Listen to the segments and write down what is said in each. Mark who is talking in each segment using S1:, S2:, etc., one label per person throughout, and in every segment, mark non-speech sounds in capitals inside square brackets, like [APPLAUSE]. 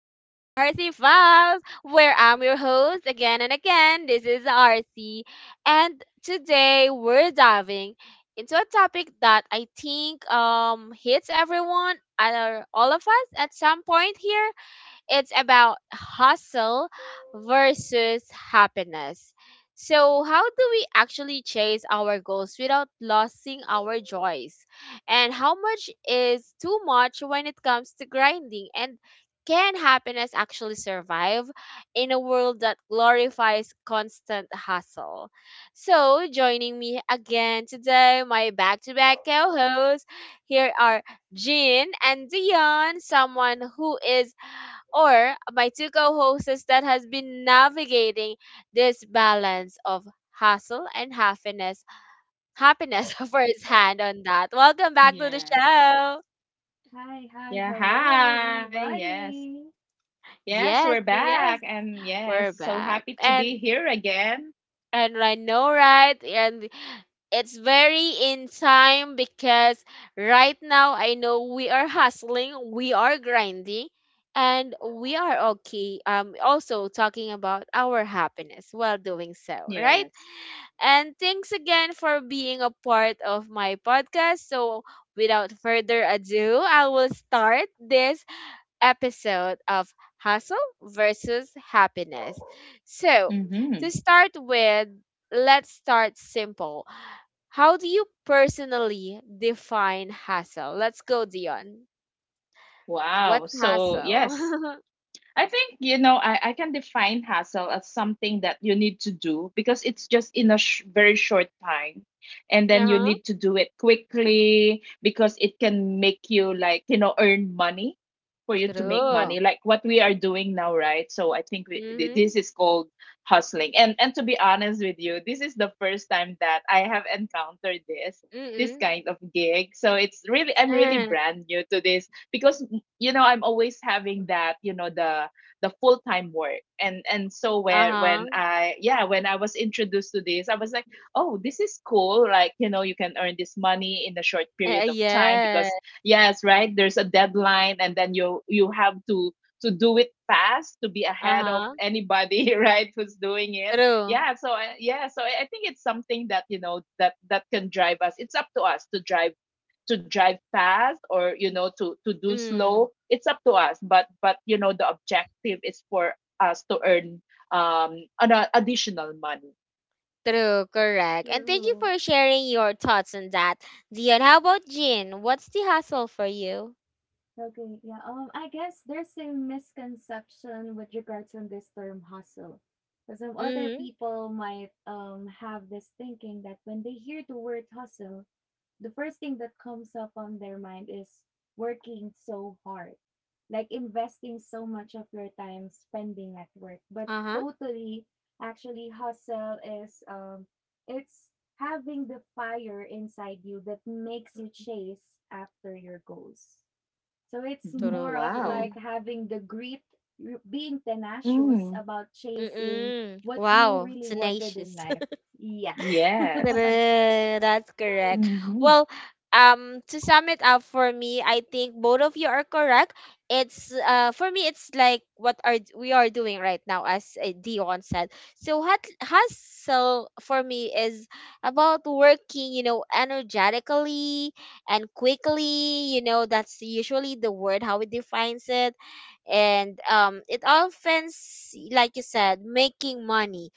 S1: Files, where I'm your host again and again. This is RC, and today we're diving into a topic that I think hits everyone and all of us at some point here. It's about hustle versus happiness. So, how do we actually chase our goals without losing our joys? And how much is too much when it comes to grinding? And can happiness actually survive in a world that glorifies constant hustle? So, joining me again today, my back to back co hosts, here are Jean and Dion, someone who is or my two co-hosts that has been navigating this balance of hustle and happiness. Happiness [LAUGHS] first hand on that. Welcome back to the
S2: Yes.
S1: show.
S3: Hi, hi,
S2: Yeah.
S3: hello
S2: Hi. Yes.
S3: everybody.
S2: Yes,
S1: Yes,
S2: we're
S1: yes,
S2: back. And
S1: we're
S2: yes, so
S1: back.
S2: happy to
S1: And
S2: be here again.
S1: and I know, right? And it's very in time because right now I know we are hustling, we are grinding, and we are okay. Also talking about our happiness while doing so, right?
S2: Yes.
S1: And thanks again for being a part of my podcast. So, without further ado, I will start this episode of Hustle versus Happiness. So,
S2: Mm-hmm.
S1: to start with, let's start simple. How do you personally define hustle? Let's go, Dion.
S2: Wow.
S1: What's
S2: So, yes.
S1: hustle? [LAUGHS]
S2: I think, you know, I can define hassle as something that you need to do because it's just in a very short time. And then you
S1: Uh-huh.
S2: need to do it quickly because it can make you, like, earn money for you to make
S3: Mm-hmm.
S2: money,
S1: True.
S2: like what we are doing now, right? So I think
S1: Mm-hmm.
S2: this is called hustling. And to be honest with you, this is the first time that I have encountered this. This
S1: Mm-mm.
S2: kind of gig. So it's really, I'm really
S1: [LAUGHS]
S2: brand new to this because I'm always having that the full-time work and so where when
S1: Uh-huh.
S2: I, yeah, when I was introduced to this I was like, oh, this is cool, like, you can earn this money in a short period of time
S1: Yeah.
S2: because, yes, right, there's a deadline, and then you have to do it fast to be ahead of
S1: Uh-huh.
S2: anybody [LAUGHS] right, who's doing it.
S1: True.
S2: Yeah, so I think it's something that you know that that can drive us. It's up to us to drive fast, or, to do
S1: Mm,
S2: slow. It's up to us, but the objective is for us to earn um an additional money.
S1: true, correct. And thank you
S3: True.
S1: for sharing your thoughts on that. Dion, how about Jean? What's the hassle for you?
S3: Okay, yeah. I guess there's a misconception with regards on this term hustle. Because some other
S1: Mm,
S3: people might have this thinking that when they hear the word hustle, the first thing that comes up on their mind is working so hard like investing so much of your time spending at work but
S1: uh-huh.
S3: totally actually hustle is it's having the fire inside you that makes you chase after your goals. So it's
S2: Mhm.
S1: True.
S3: more of
S2: Wow.
S3: like
S1: Mm-mm.
S3: having the grit, being tenacious
S2: Mm.
S3: about chasing
S1: Mm-mm.
S3: what you
S1: Wow,
S3: really wanted in
S1: tenacious.
S3: life. Yeah.
S2: Yes.
S1: Correct. That's correct.
S2: Hmm.
S1: Well, to sum it up for me, I think both of you are correct. It's for me, it's like what are we are doing right now, as Dion said. So what hustle for me is about working, energetically and quickly. That's usually the word how it defines it, and it often, like you said, making money,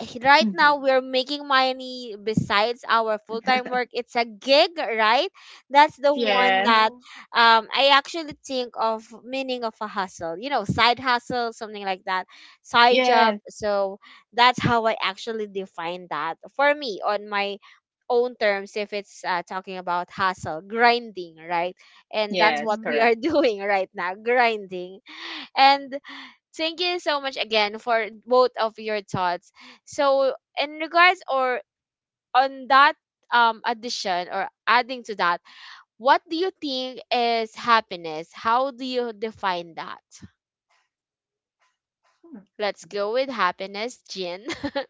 S1: right now
S2: Hmm.
S1: we're making money besides our full-time work.
S2: [LAUGHS]
S1: It's a gig, right? That's
S3: [LAUGHS]
S1: the one
S2: Yes.
S1: that,
S3: True.
S1: I actually think of meaning of a hustle, side hustle, something like that, side job.
S2: Yes.
S1: So that's how I actually define that for me on my own terms if it's, talking about hustle, grinding, right? And that's what
S2: Yes.
S1: we are [LAUGHS]
S2: Correct.
S3: Mm-hmm.
S1: doing right now, grinding. And thank you so much again for both of your thoughts. So, in regards or on that, addition or adding to that, what do you think is happiness? How do you define that?
S3: Hmm.
S1: Let's go with happiness, Jin. [LAUGHS]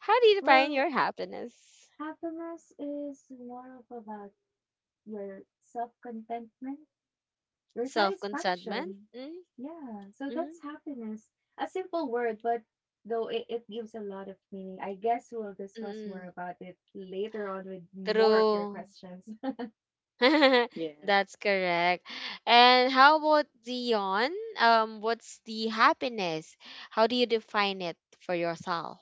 S1: How do you define
S3: Well,
S1: your happiness?
S3: happiness is more of about your self contentment, your
S1: Self contentment?
S3: satisfaction.
S1: Mm-hmm.
S3: Yeah, so that's happiness. A simple word, but though it gives a lot of meaning. I guess we'll discuss
S1: Mm-hmm.
S3: more about it later on with more of your
S1: True.
S3: questions.
S1: [LAUGHS]
S2: Yes.
S1: That's correct. And how about Dion? What's the happiness? How do you define it for yourself?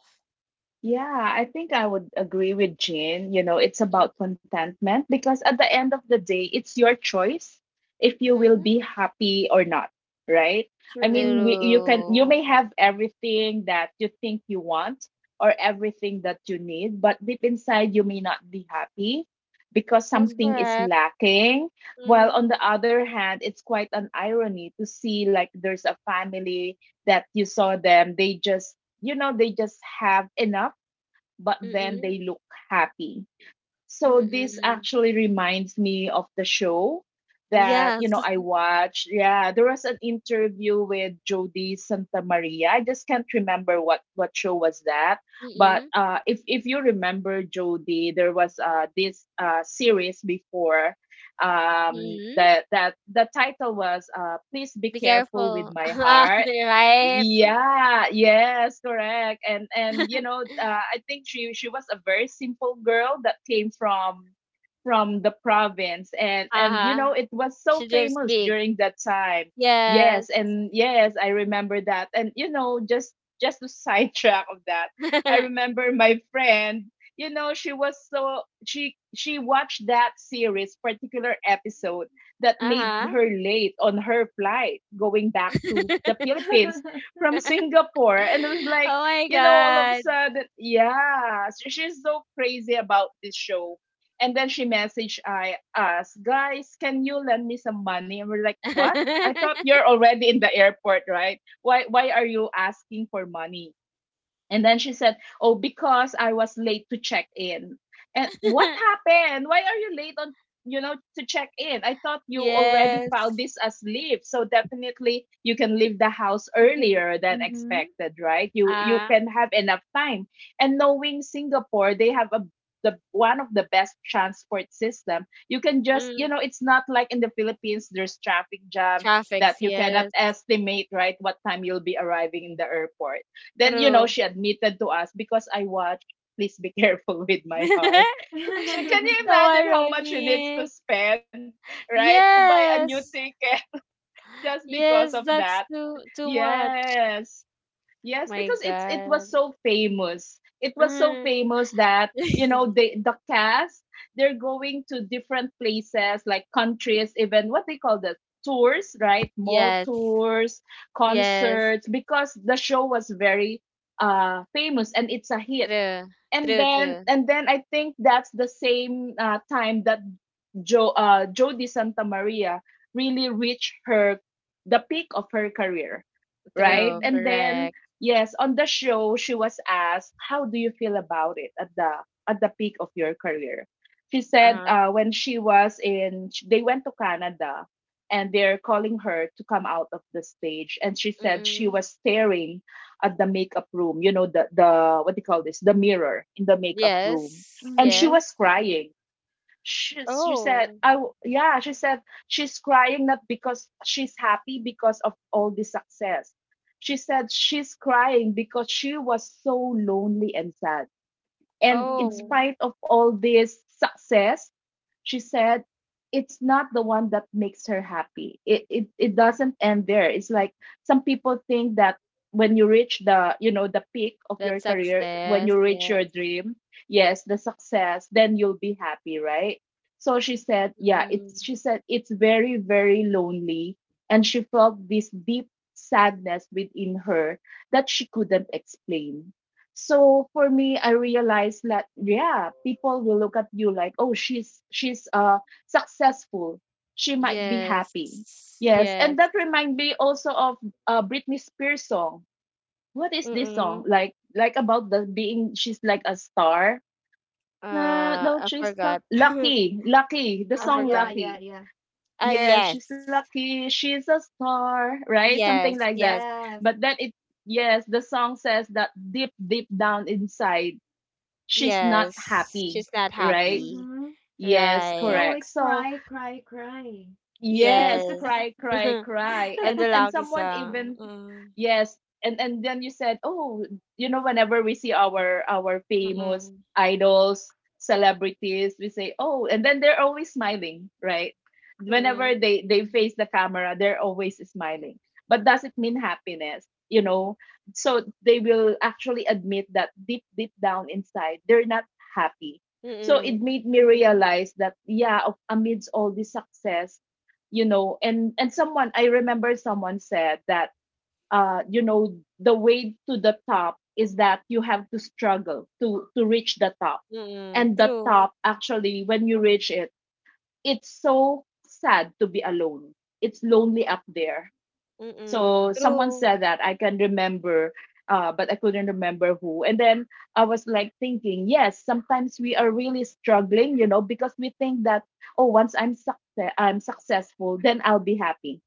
S2: Yeah, I think I would agree with Jane. It's about
S1: Mm-hmm.
S2: contentment because at the end of the day, it's your choice if you will be happy or not, right?
S3: [LAUGHS]
S2: I
S3: True.
S2: mean, we, you can you
S1: True.
S2: may have everything that you think you want, or everything that you need, but deep inside you may not be happy because
S1: That's
S2: something
S3: Mm-hmm.
S2: is
S1: correct.
S2: lacking. While
S1: Mm-hmm.
S2: on the other hand, it's quite an irony to see like there's a family that you saw them, they just, they just have enough, but then
S1: Mm-mm.
S2: they look happy. So
S3: Mm-hmm.
S2: this
S1: Mm-mm.
S2: actually reminds me of the show that you
S1: Yes.
S2: know I watched. Yeah, there was an interview with Jody Santa Maria. I just can't remember what show was that. But
S1: Mm-mm.
S2: if you remember Jody, there was this series before.
S1: Mm-hmm.
S2: That that the title was "Please Be
S1: Be
S2: Careful with
S1: careful. [LAUGHS]
S2: My
S1: Ah,
S2: Heart."
S1: right?
S2: Yeah, yes, correct. And
S1: [LAUGHS]
S2: I think she was a very simple girl that came from the province, and and you
S1: Uh-huh.
S2: know, it was so
S1: She dreams
S2: famous
S1: big.
S2: during that time.
S1: Yes.
S2: Yes, and yes, I remember that. And, you know, just, to [LAUGHS] sidetrack of that, I
S1: [LAUGHS]
S2: remember my friend, she was so, she watched that series particular episode that made
S1: Uh-huh.
S2: her late on her flight going back to the
S1: [LAUGHS]
S2: Philippines
S3: [LAUGHS]
S2: from Singapore. And I was like,
S1: Oh my
S2: all of a
S1: God.
S2: sudden, yeah, so she's so crazy about this show. And then she messaged I us, guys, can you lend me some money? And we're like, what? I thought you're
S1: [LAUGHS]
S2: already in the airport, right? Why are you asking for money? And then she said, oh, because I was late to check in. And what happened? Why are you late to check in? I thought you already filed
S1: Yes.
S2: this as leave. So definitely you can leave the house
S3: You can.
S2: earlier than
S3: Mm-hmm.
S2: expected, right? You
S1: Ah,
S2: can have enough time. And knowing Singapore, they have a the one of the best transport system. You can just,
S1: mm,
S2: it's not like in the Philippines there's traffic jam that
S1: traffics,
S2: you cannot
S1: yes.
S2: estimate, right, what time you'll be arriving in the airport. Then,
S1: True.
S2: she admitted to us because I watched Please Be Careful [LAUGHS] with My Heart.
S1: [LAUGHS]
S2: [LAUGHS]
S3: [LAUGHS]
S2: Can you
S1: So
S2: imagine how much she needs
S1: ironic.
S2: to spend, right, to buy a new
S1: Yes.
S2: ticket [LAUGHS] just because
S1: Yes,
S2: of
S1: that's
S2: that?
S1: too too much.
S2: Yes. Yes,
S1: My
S2: because it was
S1: God.
S2: so famous. It was so
S1: Mm.
S2: famous that you know
S1: [LAUGHS]
S2: the the cast, they're going to different places like countries, even what they call the tours, right? Mall
S1: Yes.
S2: tours,
S1: Yes.
S2: concerts, because the show was very famous, and it's a hit.
S1: True.
S2: and
S1: True,
S2: then
S1: true.
S2: and then I think that's the same time that Jo Jody Santa Maria really reached her the peak of her career, right?
S1: True.
S3: Mm-hmm.
S2: And then,
S1: Correct.
S2: yes, on the show she was asked, "How do you feel about it at the peak of your career?" She said,
S1: Uh-huh.
S2: when she was they went to Canada, and they're calling her to come out of the stage, and she said she
S1: Mm-mm.
S2: was staring at the makeup room, the what do you call this? The mirror in the makeup room.
S1: Yes.
S2: And she
S3: Mm-hmm.
S1: Yes.
S2: was crying. She said,
S1: Oh.
S2: she's crying not because she's happy, because of all the success. She said she's crying because she was so lonely and sad. And in
S1: Oh.
S3: Mm-hmm.
S2: spite of all this success, she said it's not the one that makes her happy. It doesn't end there. It's like some people think that when you reach the peak of your
S1: That's
S2: career, when you
S1: success.
S2: reach your
S1: Yes.
S2: dream, yes, the success, then you'll be happy, right? So she said, yeah,
S1: Mm-mm.
S2: it's she said it's very, very lonely, and she felt this deep sadness within her that she couldn't explain. So for me, I realized that, yeah, people will look at you like, oh, she's, she's successful, she might be
S1: Yes.
S2: happy. Yes. And
S1: Yes.
S2: that remind me also of Britney Spears song. What is this song,
S1: Mm-mm.
S2: like, about the being she's like a star? Nah,
S1: Uh,
S2: no,
S1: I
S2: she's not
S1: forgot.
S2: lucky, lucky the
S1: [LAUGHS] I
S3: Ah,
S2: song,
S1: forgot.
S3: yeah,
S2: lucky.
S3: yeah, yeah.
S1: Uh,
S2: Yeah, she's
S1: yes.
S2: lucky, she's a star, right, something
S1: Yes.
S2: like that.
S1: Yes.
S3: Yes.
S2: But then, it yes, the song says that deep, deep down inside, she's not
S1: Yes.
S2: happy,
S1: She's not
S2: right?
S1: happy.
S3: Mm-hmm.
S2: Yes,
S3: She
S1: Right.
S2: correct.
S3: always
S2: So
S3: cry, cry, cry.
S2: yes,
S3: [LAUGHS]
S1: Yes.
S2: cry, cry,
S1: [LAUGHS]
S2: cry.
S1: On
S2: And
S1: the
S2: and
S1: Lucky
S2: someone
S1: song.
S2: even,
S1: Mm.
S2: yes, and then you said, "Oh, you know whenever we see our famous
S1: Mm-mm.
S2: idols, celebrities, we say, 'Oh,' and then they're always smiling, right? Whenever
S1: Mm-mm.
S2: they face the camera, they're always smiling. But does it mean happiness?" So they will actually admit that deep, deep down inside, they're not happy. So it
S1: Mm-mm.
S2: made me
S3: Mhm.
S2: realize that, yeah, amidst all this success, and, someone, I remember someone said that the way to the top is that you have to struggle to reach the top,
S1: Mm-mm.
S2: and the
S1: True.
S2: top, actually, when you reach it, it's so sad to be alone, it's lonely up there.
S1: Mm-mm.
S2: So someone
S1: True.
S2: said that I can remember, but I couldn't remember who. And then I was like, thinking, yes, sometimes we are really struggling, because we think that, oh, once I'm successful, then I'll be happy,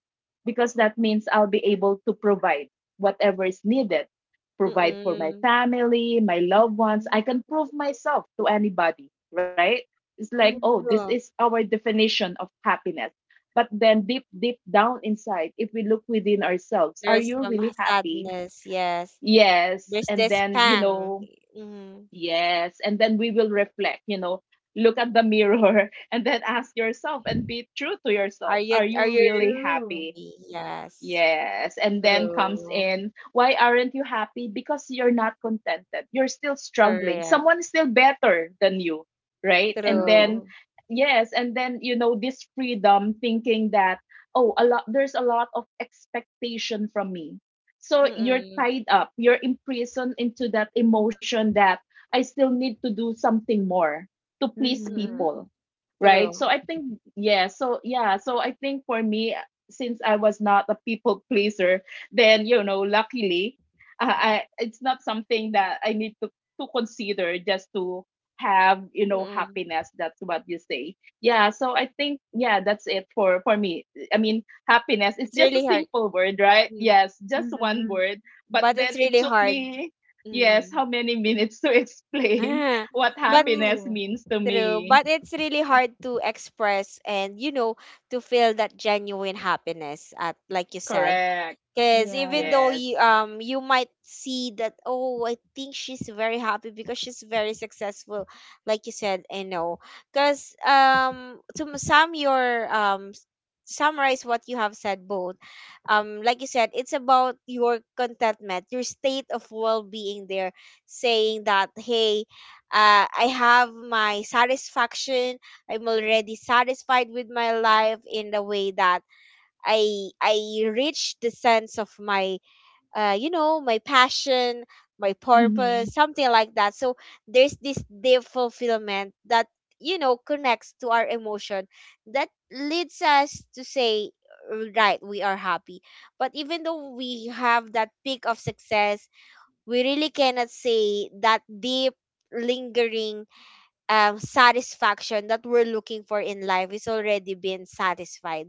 S2: because that means I'll be able to provide whatever is needed, provide for my
S1: Mm-mm.
S2: family, my loved ones. I
S3: Mhm.
S2: can prove myself to anybody, right? It's like,
S1: Mm-mm.
S2: oh,
S3: Mhm.
S2: this
S1: True.
S2: is our definition of happiness. But then, deep, deep down inside, if we look within ourselves, are
S1: There's
S2: you
S1: some
S2: really happy?
S1: sadness. Yes.
S2: Yes.
S1: There's
S2: And
S1: this
S2: then,
S1: pang. Mm.
S2: yes. And then we will reflect, look at the mirror [LAUGHS] and then ask yourself and be true to
S1: Are
S2: yourself. Are
S1: you are
S2: you
S1: you
S2: really
S3: True.
S2: happy?
S1: ready? Yes.
S2: Yes. And then comes
S1: True.
S2: in, why aren't you happy? Because you're not contented. You're still struggling.
S1: Correct.
S2: Someone is still better than you, right? And
S1: True.
S2: then,
S3: True.
S2: yes. And then, this freedom thinking that, oh, there's a lot of expectation from me. So you're
S1: Mm-mm.
S2: tied up, you're imprisoned into that emotion that I still need to do something more to please
S1: Mm-mm.
S3: Mhm.
S2: people, right. So
S1: True.
S2: I think yeah so yeah so I think, for me, since I was not a people pleaser, then, luckily, I it's not something that I need to consider just to have
S1: Mm-mm.
S2: happiness. That's what you say. Yeah so i think yeah that's it for me. I mean, happiness, it's
S1: It's
S2: just a
S1: really hard.
S2: simple word, right?
S1: Mm.
S2: Yes, just one
S3: Mhm.
S2: word. But
S1: But
S2: then,
S1: it's
S2: it
S1: really
S2: took
S1: hard.
S2: me, yes,
S1: Mm.
S2: how many minutes to explain
S1: [LAUGHS]
S2: [LAUGHS] what
S1: But
S2: happiness
S3: True.
S2: means to
S1: true.
S2: me.
S1: But it's really hard to express, and to feel that genuine happiness at, like you said.
S2: Correct.
S1: Because even though you,
S2: Yes.
S3: Yes.
S1: you might see that, oh, I think she's very happy because she's very successful, like you said. I know. Because, to sum your, summarize what you have said, both, like you said, it's about your contentment, your state of well-being there, saying that, hey, I have my satisfaction. I'm already satisfied with my life in the way that I reach the sense of my, my passion, my
S2: Mhm.
S1: purpose, something like that. So there's this deep fulfillment that connects to our emotion that leads us to say, right, we are happy. But even though we have that peak of success, we really cannot say that deep, lingering, satisfaction that we're looking for in life is already been satisfied.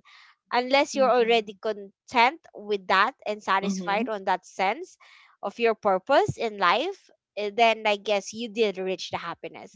S1: Unless you're already
S3: Mhm.
S1: content with that and satisfied
S2: Mhm.
S1: on that sense of your purpose in life, eh, then I guess you did reach the happiness.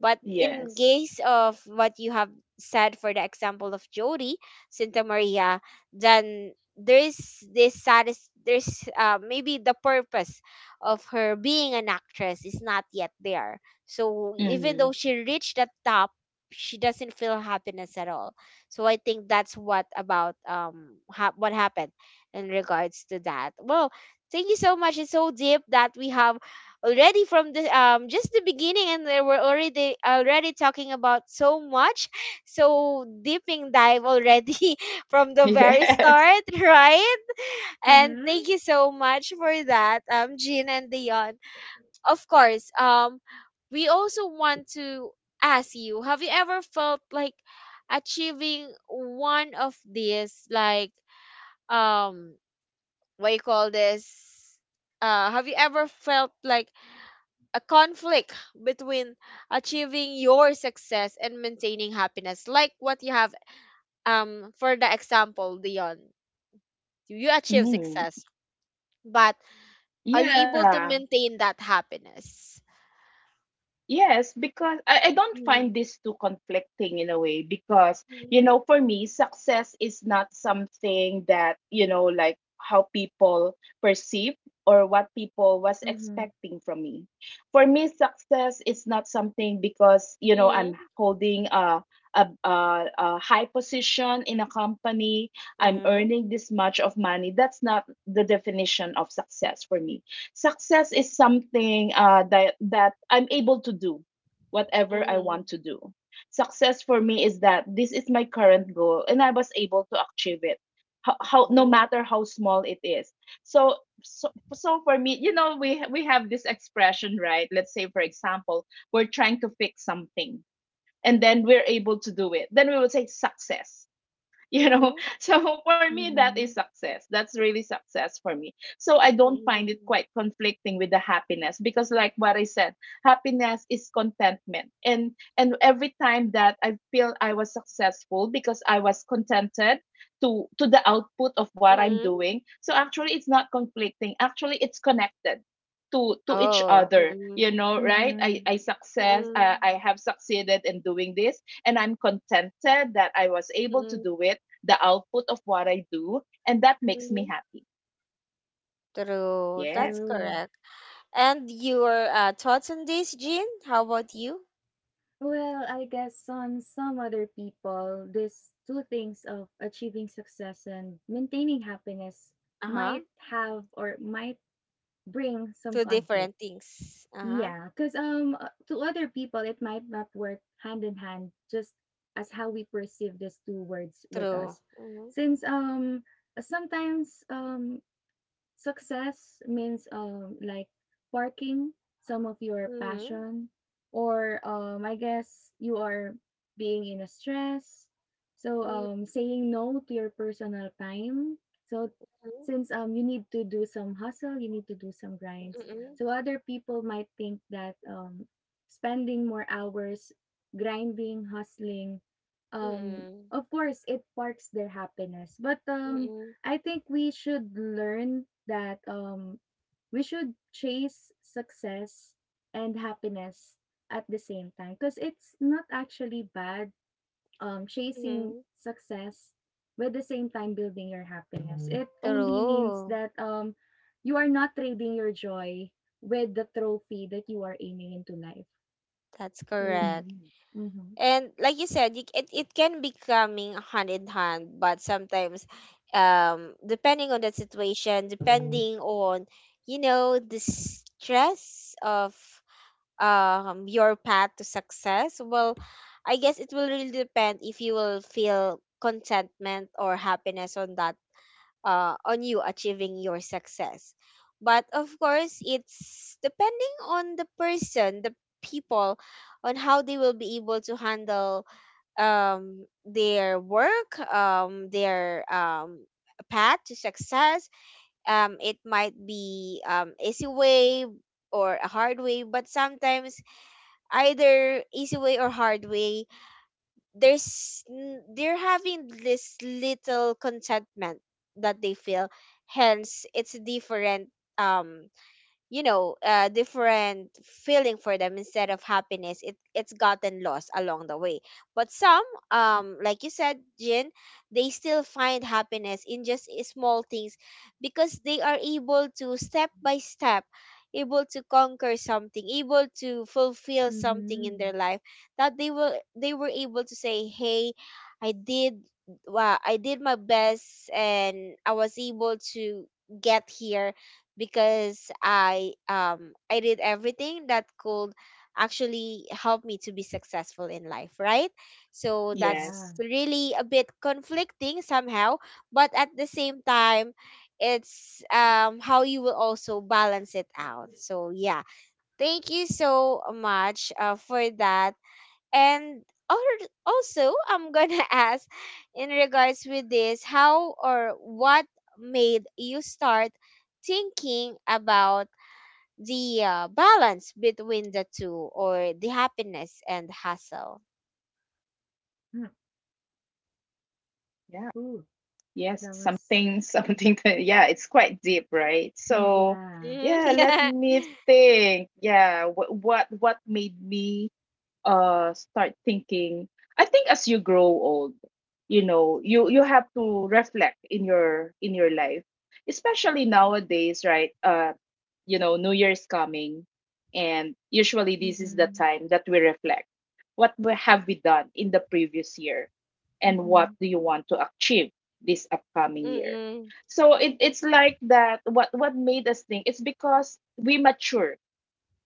S1: But in
S2: Yes.
S1: case of what you have said for the example of Jody Santa Maria, then there's this, there's, maybe the purpose of her being an actress is not yet there, so even though
S2: Mhm.
S1: she reached the top, she doesn't feel happiness at all. So I think that's what about, what happened in regards to that. Well, thank you so much. It's so deep that we have already, from the, just the beginning, and they were already talking about so much, so deeping dive already [LAUGHS]
S2: [LAUGHS]
S1: from the very
S2: Yes.
S1: start, [LAUGHS] right? And
S3: Mhm.
S1: thank you so much for that, Jean and Dion, of course. We also want to ask, you have you ever felt like achieving one of these, like, um what you call this, have you ever felt like a conflict between achieving your success and maintaining happiness, like what you have, for the example, Dion, you achieve
S2: Mm.
S1: success, but are you able to
S2: Yeah.
S1: maintain that happiness?
S2: Yes, because I don't find
S1: Mm-hmm.
S2: this too conflicting in a way because, for me, success is not something that, like how people perceive or what people was
S3: Mhm.
S2: expecting from me. For me, success is not something because, I'm holding a high position in a company, I'm
S1: Mm-hmm.
S2: earning this much of money. That's not the definition of success for me. Success is something that I'm able to do whatever I
S1: Mhm,
S2: want to do. Success for me is that this is my current goal and I was able to achieve it. How no
S1: mm.
S2: matter how small it is. So, so for me, you know, we have this expression, right? Let's say for example, we're trying to fix something and then we're able to do it. Then we will say success [LAUGHS] you know
S1: Mhm,
S2: so for me that is
S3: Mhm.
S2: success. That's really success for me. So I don't find it
S1: mm.
S2: quite conflicting with the happiness because like what I said, happiness is contentment, and every time that I feel I was successful because I was contented to the output of what I'm
S1: Mm.
S2: doing. So actually it's not conflicting. Actually it's connected to each
S1: Oh.
S2: other, you
S1: Mm,
S2: know, right? i
S3: Mhm.
S2: i success, I
S1: mm,
S2: have succeeded in doing this and I'm contented that I was able to
S1: mm,
S2: do it, the output of what I do, and that makes me
S1: mhm.
S2: happy.
S1: True. That's
S2: Yes.
S3: True.
S1: correct. And your, thoughts on this, Jean? How about you?
S3: Well, I guess on some other people, these two things of achieving success and maintaining happiness
S1: Uh-huh.
S3: might have or might bring some
S1: Two
S3: conflict.
S1: different things. Uh-huh.
S3: Yeah, because to other people, it might not work hand in hand, just as how we perceive these two words with
S1: True.
S3: us.
S1: Mhm,
S3: Since sometimes Success means like parking some of your
S1: mhm,
S3: passion, or I guess you are being in a stress. So saying no to your personal time. So
S1: mhm,
S3: since you need to do some hustle, you need to do some grinds.
S1: mhm,
S3: So other people might think that spending more hours grinding, um
S1: mhm,
S3: of course it sparks their happiness. But
S1: mhm, mhm,
S3: I think we should learn that we should chase success and happiness at the same time because it's not actually bad chasing
S1: mhm.
S3: success but at the same time building your happiness. It only means
S1: True.
S3: that you are not trading your joy with the trophy that you are aiming into life.
S1: That's
S3: So,
S1: correct.
S2: Mhm.
S3: mm-hmm.
S1: And like you said, it can be coming hand in hand, but sometimes, depending on the situation, depending on, the stress of, your path to success, well, I guess it will really depend if you will feel contentment or happiness on that, on you achieving your success. But of course, it's depending on the person, the people, on how they will be able to handle their work, their, path to success. It might be, easy way or a hard way, but sometimes, either easy way or hard way, there's, they're having this little contentment that they feel, hence it's different, um different feeling for them. Instead of happiness, it's gotten lost along the way. But some, like you said, Jin, they still find happiness in just, small things, because they are able to, step by step, able to conquer something, able to fulfill something
S3: mm-hmm,
S1: in their life, that they will, they were able to say, hey, I did well, I did my best, and I was able to get here because I, I did everything that could actually help me to be successful in life, right? So that's
S3: yeah.
S2: Yes.
S1: really a bit conflicting somehow, but at the same time, it's, how you will also balance it out. So yeah. Thank you so much, for that. And, also, I'm gonna [LAUGHS] ask, in regards with this, how or what made you start thinking about the, balance between the two, or the happiness and hustle?
S3: Mm.
S2: Yeah.
S3: Ooh,
S2: Yes.
S3: that was,
S2: Something, [LAUGHS] yeah. It's quite deep, right? So,
S3: yeah.
S1: Mm-hmm.
S2: yeah. Let
S1: [LAUGHS]
S2: me
S1: Yeah.
S2: think. Yeah. What made me start thinking? I think as you grow old, you know, you have to reflect in your life, especially nowadays, right? You know, New Year's coming. And usually this is the
S3: Mm-hmm,
S2: time that we reflect. Have we done in the previous year? And what
S3: mm-hmm.
S2: do you want to achieve this upcoming year?
S1: Mm-mm.
S2: So it's like that. What made us think, it's because we mature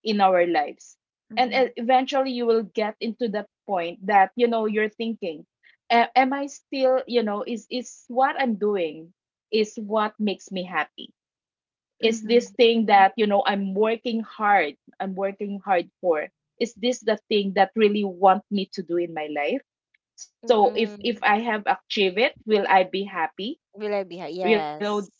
S2: in our lives. And
S3: Mhm.
S2: eventually you will get into that point that you know you're thinking, "Am I still, you know, is what I'm doing is what makes me happy? Is this
S3: Mhm.
S2: thing that you know I'm working hard for, is this the thing that really want me to do in my life? So if
S1: Mm-mm.
S2: I have achieved it, will I be happy?"
S1: Will I be?
S2: You know.
S1: Yes.
S2: So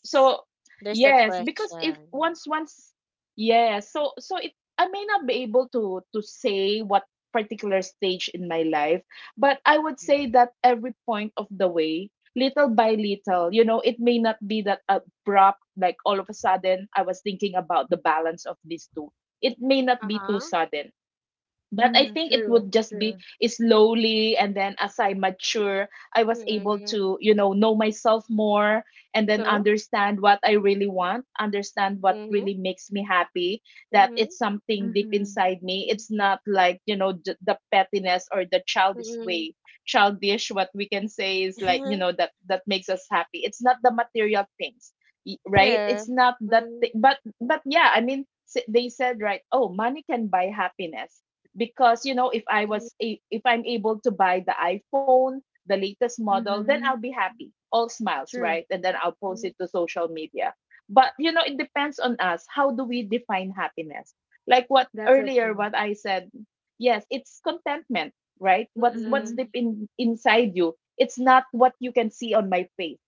S2: yes,
S1: There's that
S2: because if once
S1: question.
S2: once yeah, so so it, I may not be able to say what particular stage in my life, but I would say that every point of the way, little by little, you know, it may not be that abrupt, like all of a sudden I was thinking about the balance of these two. It may not
S1: Uh
S2: be too
S1: huh.
S2: sudden, but I
S3: Mhm.
S2: think it
S3: True.
S2: would just
S3: True.
S2: be slowly, and then as I mature, I was able
S1: Mm-mm.
S2: to, you know myself more, and then
S1: True.
S2: understand what I really want, understand what
S1: Mm-hmm.
S2: really makes me happy. That
S1: Mm-hmm.
S2: it's something deep
S3: Mhm.
S2: inside me. It's not like, you know, the pettiness or the childish
S1: Mm-hmm.
S2: way. Childish, what we can say is, like, you know,
S1: [LAUGHS]
S2: that makes us happy. It's not the material things, right?
S1: True.
S2: It's not that thi-
S1: Mm,
S2: but But yeah, I mean, they said, right, oh, money can buy happiness, because you know, if i
S1: mm,
S2: was a, if i'm able to buy the iPhone, the latest model, then
S3: Mhm.
S2: I'll be happy, all smiles,
S3: True.
S2: right? And then I'll post
S1: mm,
S2: it to social media. But you know, it depends on us how do we define happiness. Like what
S3: That's so
S2: earlier
S3: true.
S2: what I said, yes, it's contentment. Right? What's
S3: Mhm.
S2: deep
S1: mm,
S2: in inside you. It's not what you can see on my face.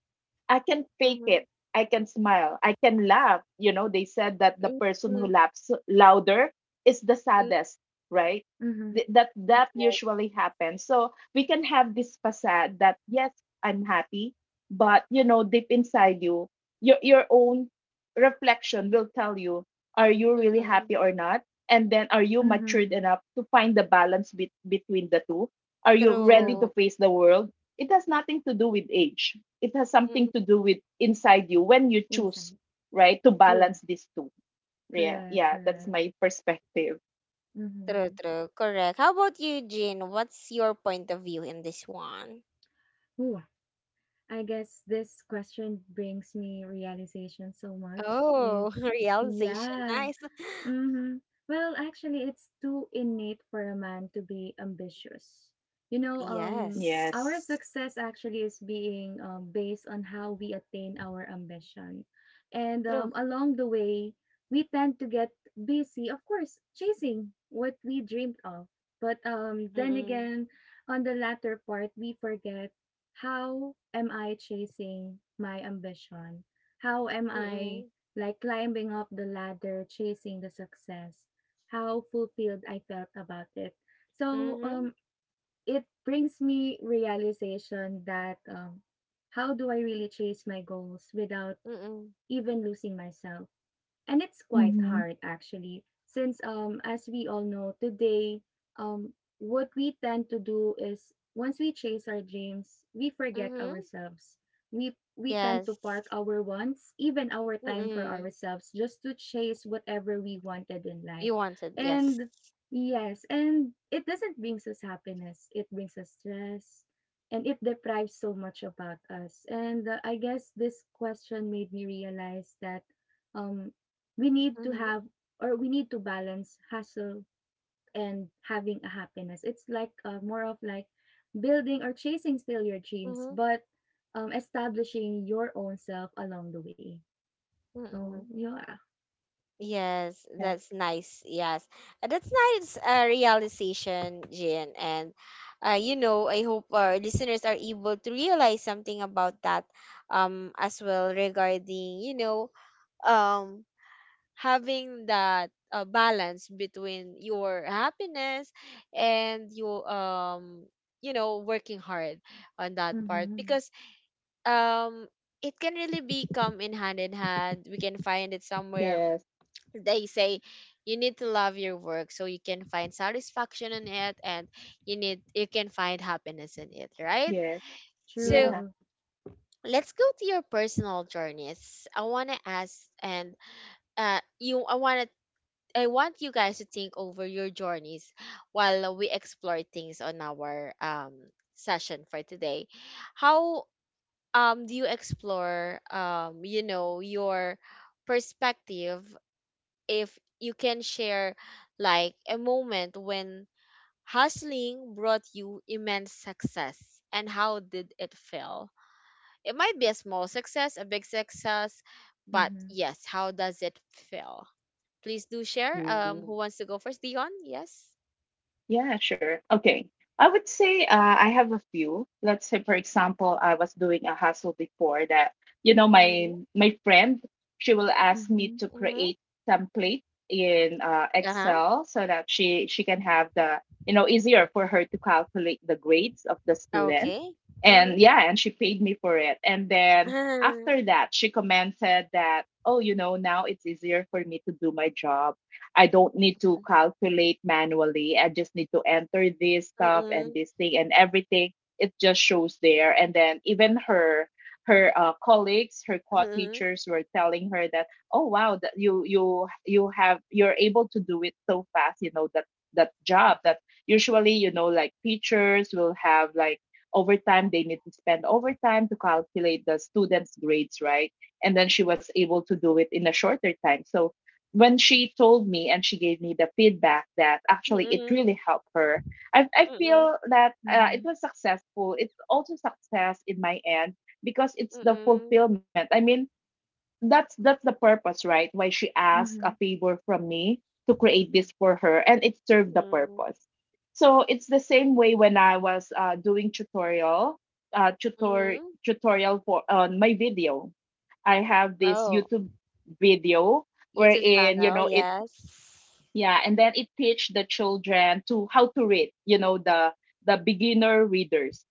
S2: I can fake
S1: mhm,
S2: it. I can smile. I can laugh. You know, they said that the
S1: mm,
S2: person who
S1: mm,
S2: laughs louder is the
S1: mm,
S2: saddest, right?
S3: Mhm.
S2: That
S1: yes,
S2: usually happens. So we can have this facade that yes, I'm happy, but you know, deep inside you, your own reflection will tell you, are you really
S1: mm.
S2: happy or not? And then are you matured
S3: Mhm.
S2: enough to find the balance between the two? Are you ready
S3: True.
S2: to
S1: True.
S2: face the world? It has nothing to do with age. It has
S1: Mm,
S2: something to do with inside you, when you choose
S3: Insight.
S2: right to
S3: True.
S2: balance these two. Yeah,
S3: Correct.
S2: yeah, that's
S3: Correct.
S2: my perspective.
S1: True,
S3: Mhm.
S1: true. Correct. How about you, Jean? What's your point of view in this one?
S3: Ooh, I guess this question brings me realization so much. It,
S1: Oh, [LAUGHS] realization.
S3: yeah.
S1: Nice.
S3: Mhm. Well, actually, it's too innate for a man to be ambitious. You know, um,
S1: Yes.
S2: Yes.
S3: our success actually is being based on how we attain our ambition. And
S1: True.
S3: along the way, we tend to get busy, of course, chasing what we dreamed of. But then
S1: Mm-mm.
S3: again, on the latter part, we forget how am I chasing my ambition? How am I
S1: Mm-mm.
S3: like climbing up the ladder, chasing the success, how fulfilled I felt about it. So
S1: Mm-hmm.
S3: it brings me realization that how do I really chase my goals without
S1: Mm-mm.
S3: even losing myself? And it's quite
S2: Mm-hmm.
S3: hard actually since as we all know today, um what we tend to do is once we chase our dreams, we forget
S1: Mm-hmm.
S3: ourselves. We tend to
S1: Yes.
S3: park our wants, even our time for
S1: Mm-mm.
S3: ourselves, just to chase whatever we wanted in life.
S1: You wanted, yes.
S3: And yes, and it doesn't bring us happiness, it brings us stress, and it deprives so much about us. And I guess this question made me realize that um we need to
S1: Mm-hmm.
S3: have or we need to balance hustle and having a happiness. It's like more of like building or chasing still your dreams,
S1: Mm-hmm.
S3: but establishing your own self along the way. So
S1: Mm-mm.
S3: yeah.
S1: Yes, that's
S2: Yes.
S1: nice. Yes. That's nice, realization, Jin. And, I hope our listeners are able to realize something about that as well, regarding, um having that, balance between your happiness and your, working hard on that part,
S3: Mm-hmm.
S1: because um it can really be come in hand in hand. We can find it somewhere.
S2: Yes.
S1: They say you need to love your work so you can find satisfaction in it, and you can find happiness in it, right?
S2: Yes.
S1: So
S3: True.
S2: Yeah.
S1: let's go to your personal journeys. I want to ask, and you I want you guys to think over your journeys while we explore things on our, session for today. How, do you explore, your perspective, if you can share like a moment when hustling brought you immense success and how did it feel? It might be a small success, a big success, but
S3: Mhm.
S1: yes, how does it feel? Please do share. Who
S2: Mm.
S1: wants to go first? Dion? Yes.
S2: Yeah, sure. Okay. I would say I have a few. Let's say, for example, I was doing a hustle before that, you know,
S1: Mm-hmm.
S2: my friend, she will ask me
S3: Mhm.
S2: to
S1: Mm-hmm.
S2: create template in
S1: Uh-huh.
S2: Excel so that she can have the, you know, easier for her to calculate the grades of the student.
S1: Okay.
S2: And
S1: Mm-hmm.
S2: yeah, and she paid me for it. And then after
S1: [LAUGHS]
S2: that, she commented that, oh, you know, now it's easier for me to do my job. I don't need to calculate manually. I just need to enter this stuff and
S1: Mm-mm.
S2: this thing and everything. It just shows there. And then even her colleagues, her co
S1: Mm-mm.
S2: teachers were telling her that, oh wow, that you have you're able to do it so fast. You know that that job that usually, you know, like teachers will have like overtime, they need to spend overtime to calculate the students grades, right? And then she was able to do it in a shorter time. So when she told me and she gave me the feedback that actually it
S1: Mm-mm.
S2: really helped her, I
S1: Mm-mm.
S2: feel that it
S3: Mhm.
S2: was successful. It's also success in my end because it's the
S1: Mm-mm.
S2: fulfillment. I mean, that's the purpose, right? Why she asked a
S3: Mhm.
S2: favor from me to create this for her, and it served the
S1: Mm-mm.
S2: purpose. So it's the same way when I was doing tutorial, uh, tutor
S1: Mm-mm.
S2: tutorial for on my video. I have this
S1: Oh,
S2: YouTube video
S1: YouTube
S2: wherein you
S1: channel,
S2: know it,
S1: yes.
S2: yeah, and then it teach the children to how to read. You know the beginner readers.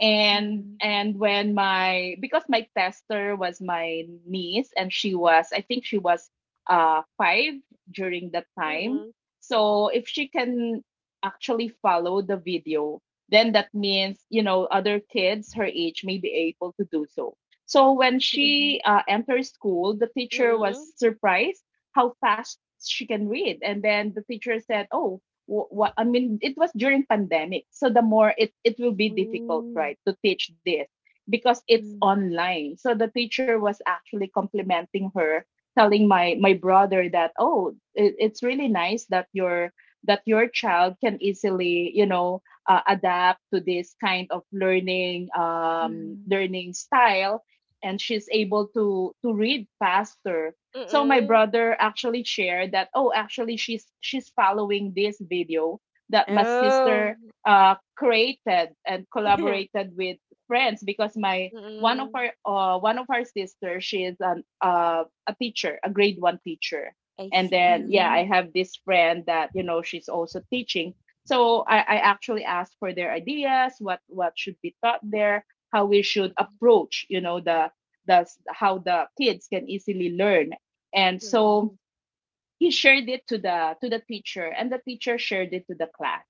S2: and
S3: Mhm.
S2: and when my, because my tester was my niece and she was, I think she was five during that time.
S1: Mm-mm.
S2: So if she can actually follow the video, then that means, you know, other kids her age may be able to do so. So when
S3: Mhm.
S2: she enters school, the teacher
S1: Mm-mm.
S2: was surprised how fast she can read. And then the teacher said, oh, wh- I mean, it was during pandemic, so the more it it will be difficult,
S3: Ooh.
S2: right, to teach this because it's
S3: Mhm.
S2: online. So the teacher was actually complimenting her, telling my brother that, oh, it, it's really nice that your child can easily, you know, adapt to this kind of learning
S3: Mhm.
S2: learning style, and she's able to read faster. So my
S1: Mm-mm.
S2: brother actually shared that, oh, actually she's following this video that my
S1: Oh.
S2: sister created and
S1: [LAUGHS]
S2: collaborated with friends. Because my
S1: Mm-mm.
S2: one of our sisters, she is an a teacher, a grade one teacher.
S1: I
S2: And then yeah,
S1: see.
S2: I
S3: Mhm.
S2: have this friend that you know she's also teaching. So I actually asked for their ideas, what should be taught there, how we should approach, you know, the how the kids can easily learn. And so
S1: Mm-mm.
S2: he shared it to the teacher, and the teacher shared it to the class.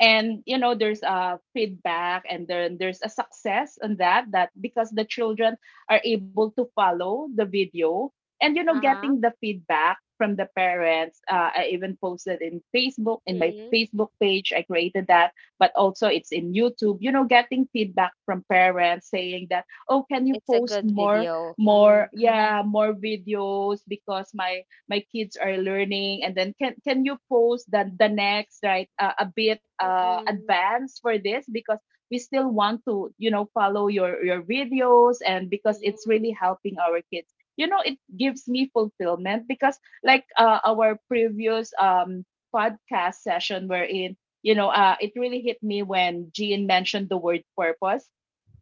S2: And you know, there's a feedback, and then there's a success on that. That because the children are able to follow the video, and you know, getting
S1: Uh-huh.
S2: the feedback from the parents. I even posted in Facebook, in my
S1: Mm-mm.
S2: Facebook page, I created that, but also it's in YouTube. You know, getting feedback from parents saying that, oh, can you
S1: It's a
S2: post
S1: good video. Mm-mm.
S3: Mhm.
S2: yeah, more videos because my kids are learning, and then can you post the next, right? Uh, a bit
S1: Mm-mm.
S2: advanced for this, because we still want to, you know, follow your videos, and because it's
S1: Mm-mm.
S2: really helping our kids. You know, it gives me fulfillment, because like our previous podcast session, wherein you know, it really hit me when Jean mentioned the word purpose.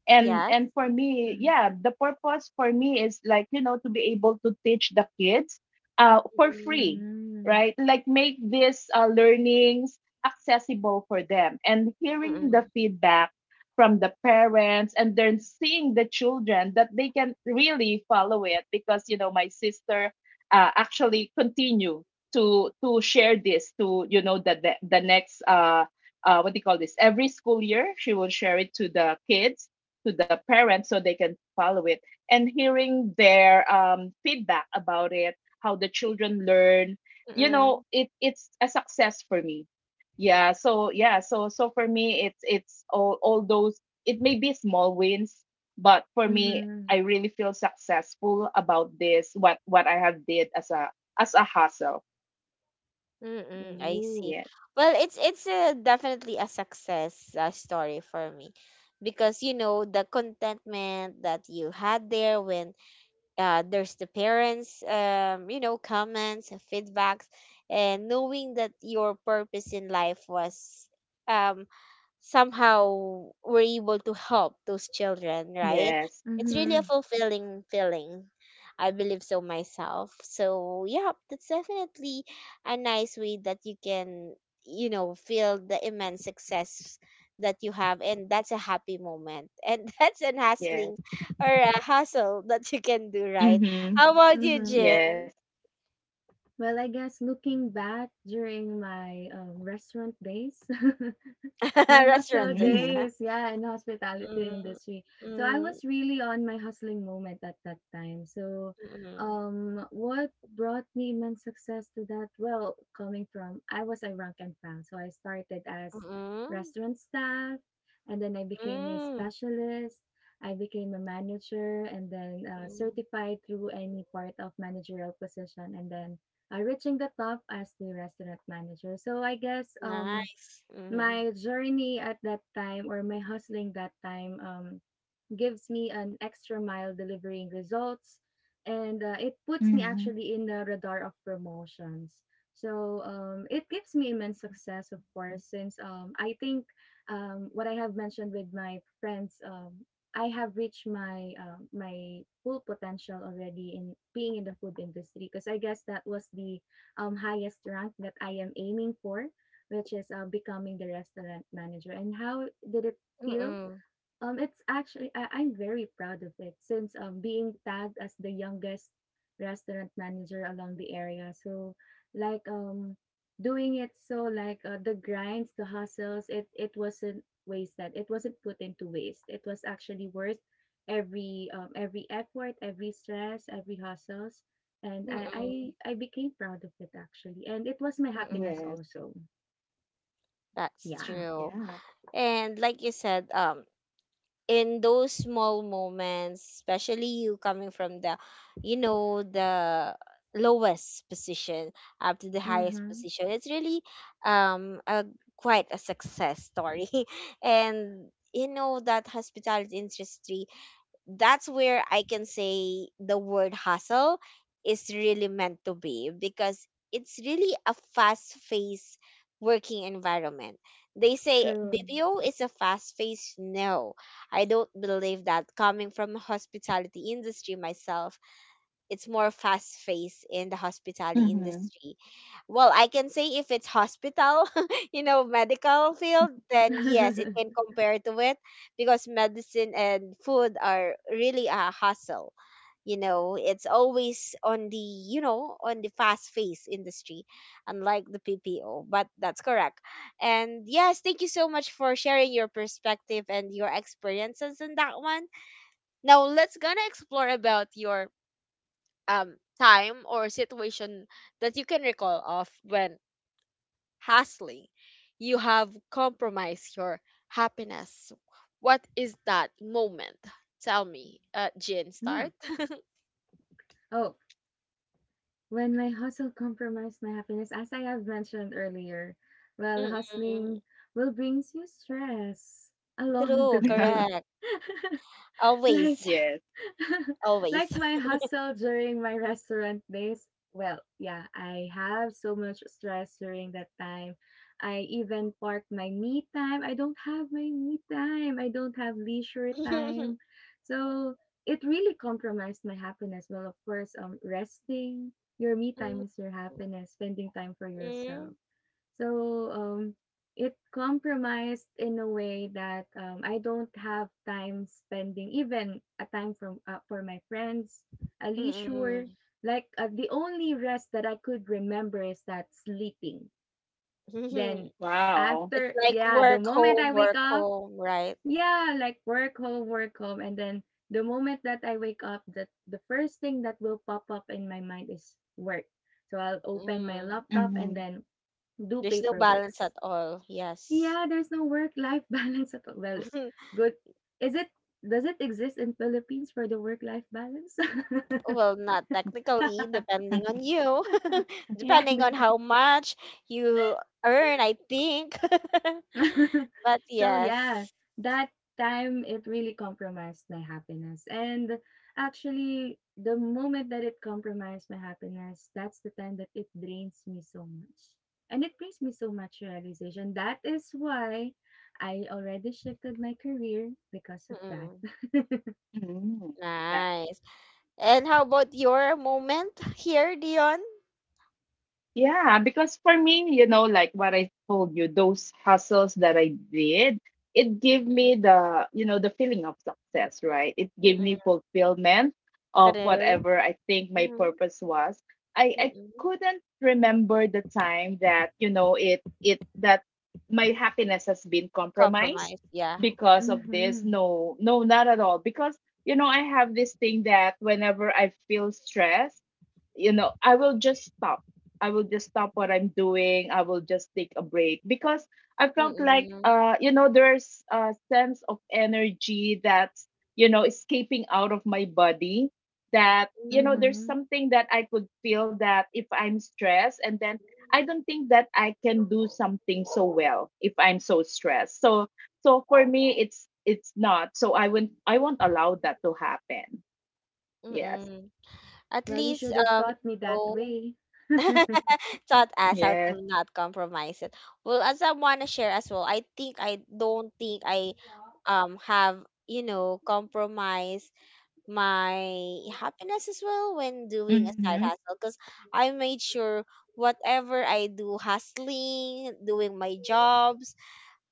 S2: and
S1: Yes.
S2: and for me,
S3: Mhm.
S2: yeah, the purpose for me is like, you know, to be able to teach the kids for
S1: Mm-mm.
S2: free,
S3: Mhm.
S2: right? Like make these learnings accessible for them, and hearing the
S1: Mm-mm.
S2: feedback from the parents, and then seeing the children that they can really follow it. Because, you know, my sister actually continue to share this to, you know, the the next what do you call this? Every school year, she will share it to the kids, to the parents so they can follow it, and hearing their feedback about it, how the children learn, you know,
S1: Mm-mm.
S2: it it's a success for me. Yeah, so yeah, so so for me, it's all those. It may be small wins, but for me, I
S3: Mhm.
S2: really feel successful about this, what I have did as a hustle.
S1: Mm-mm. I
S3: Ooh.
S1: see.
S2: Yes.
S1: Well, it's a, definitely a success story for me because you know the contentment that you had there when there's the parents you know comments feedbacks and knowing that your purpose in life was um, somehow we're able to help those children, right?
S2: Yes.
S1: It's really a
S3: Mhm.
S1: fulfilling feeling. I believe so myself. So, yeah, that's definitely a nice way that you can, you know, feel the immense success that you have. And that's a happy moment. And [LAUGHS] that's an hustling
S2: Yes.
S1: or a hustle that you can do, right?
S2: Mm-hmm.
S1: How about you,
S3: Mhm.
S2: Yes.
S1: Jim?
S3: Well, I guess looking back during my restaurant days, [LAUGHS] my
S1: [LAUGHS]
S3: hustle
S1: Restaurant days.
S2: Mm-hmm.
S3: days,
S1: [LAUGHS]
S3: yeah, in hospitality
S1: Mm,
S3: industry. So I
S1: mm,
S3: was really on my hustling moment at that time. So
S1: mm,
S3: what brought me immense success to that? Well, coming from I was a rank and file. So I started as
S1: mm,
S3: restaurant staff and then I became a
S1: mm.
S3: specialist. I became a manager and then
S1: Mm,
S3: certified through any part of managerial position, and then reaching the top as the restaurant manager. So I guess
S1: nice. Hmm.
S3: my journey at that time, or my hustling that time, gives me an extra mile delivering results, and it puts me
S2: Mm-hmm.
S3: actually in the radar of promotions. So it gives me immense success, of course, since I think what I have mentioned with my friends, I have reached my full potential already in being in the food industry. Because I guess that was the highest rank that I am aiming for, which is becoming the restaurant manager. And how did it feel?
S1: Mm-mm.
S3: It's actually I'm very proud of it since being tagged as the youngest restaurant manager along the area. So like doing it so like the grinds, the hustles, it wasn't wasted. It wasn't put into waste. It was actually worth every effort, every stress, every hustles. And I I
S1: Mm-mm.
S3: I became proud of it actually, and it was my happiness
S1: Mm-mm.
S2: Yes.
S3: also.
S1: That's
S3: Yeah.
S1: true.
S2: Yeah.
S1: And like you said, in those small moments, especially you coming from the, you know, the lowest position up to the highest
S3: Mm-hmm.
S1: position, it's really a quite a success story. [LAUGHS] And you know that hospitality industry, that's where I can say the word hustle is really meant to be because it's really a fast paced working environment. They say
S3: True.
S1: BPO is a fast paced. No, I don't believe that. Coming from a hospitality industry myself, it's more fast paced in the hospitality
S2: Mm-hmm.
S1: industry. Well, I can say if it's hospital, [LAUGHS] you know, medical field, then yes, it
S3: [LAUGHS]
S1: can compare to it because medicine and food are really a hustle. You know, it's always on the, you know, on the fast paced industry, unlike the PPO, but that's correct. And yes, thank you so much for sharing your perspective and your experiences in that one. Now let's gonna explore about your time or situation that you can recall of when hustling, you have compromised your happiness. What is that moment? Tell me, Jin,
S3: Hmm.
S1: start. [LAUGHS]
S3: Oh, when my hustle compromised my happiness, as I have mentioned earlier, well,
S1: Mm-mm.
S3: hustling will brings you stress [LAUGHS] along
S1: True,
S3: the way.
S1: correct.
S2: [LAUGHS]
S3: [LAUGHS] Like
S1: Always,
S2: Yes.
S3: [LAUGHS]
S1: always.
S3: like my hustle during my restaurant days. Well, yeah, I have so much stress during that time. I even park my me time. I don't have my me time. I don't have leisure time.
S1: [LAUGHS]
S3: So it really compromised my happiness. Well, of course, resting, your me time is your happiness, spending time for yourself.
S1: Mm,
S3: So it compromised in a way that I don't have time spending even a time from for my friends, a
S1: mm,
S3: leisure.
S1: mm,
S3: Like the only rest that I could remember is that sleeping.
S1: mm.
S3: Then
S1: [LAUGHS]
S2: Wow.
S1: It's
S3: after,
S1: like
S3: yeah, the moment I wake
S1: work,
S3: up,
S1: home, right?
S3: yeah, like work home, and then the moment that I wake up, that the first thing that will pop up in my mind is work. So I'll open my
S1: Mm.
S3: laptop and
S2: Mhm.
S3: then do
S1: There's no balance
S3: paperworks.
S1: at all. Yes.
S3: Yeah, there's no work-life [LAUGHS] balance at all. Well,
S1: [LAUGHS]
S3: good is it does it exist in Philippines for the work-life balance?
S1: Well, not technically,
S3: [LAUGHS]
S1: depending on
S2: [LAUGHS]
S1: you, [LAUGHS]
S3: Yeah, [LAUGHS]
S1: depending
S3: 'di
S1: on
S3: ba?
S1: how much you earn, I think. [LAUGHS]
S3: [LAUGHS]
S1: But
S3: So yeah,
S1: yes.
S3: that time it really compromised my happiness. And actually, the moment that it compromised my happiness, that's the time that it drains me so much. And it brings me so much realization. That is why I already shifted my career because of
S1: Mm,
S3: that. [LAUGHS]
S2: Mhm. Nice.
S1: nice. And how about your moment here, Dion?
S2: Yeah, because for me, you know, like what I told you, those hustles that I did, it gave
S1: Mm,
S2: me the, you know, the feeling of success, right? It gave me
S1: mm,
S2: fulfillment of
S1: true.
S2: whatever I think my
S1: Mm-hmm.
S2: purpose was. I
S1: Mm-mm.
S2: couldn't remember the time that, it it that my happiness has been compromised
S1: Compromise, yeah.
S2: because of
S3: Mm-hmm.
S2: this. No, no, not at all. Because, I have this thing that whenever I feel stress, I will just stop. I will just stop what I'm doing. I will just take a break because I felt like
S1: Mm-mm.
S2: there's a sense of energy that's escaping out of my body, that
S1: Mm-hmm.
S2: there's
S3: Mm-hmm.
S2: something that I could feel, that if I'm stressed, and then I don't think that I can do something so well if I'm so stressed. So for me, it's not, so I won't, I won't allow that to happen. Yes.
S1: Mm-mm. At
S3: Well, you
S1: least,
S3: should have taught
S1: you
S3: me that
S1: know,
S3: way. [LAUGHS]
S1: [LAUGHS] taught us how
S2: Yes.
S1: to not compromise it. Well, as I wanna share as well, I think I don't think I have, you know, compromised my happiness as well when doing a
S2: Mm-hmm.
S1: side hustle because I made sure whatever I do hustling, doing my jobs,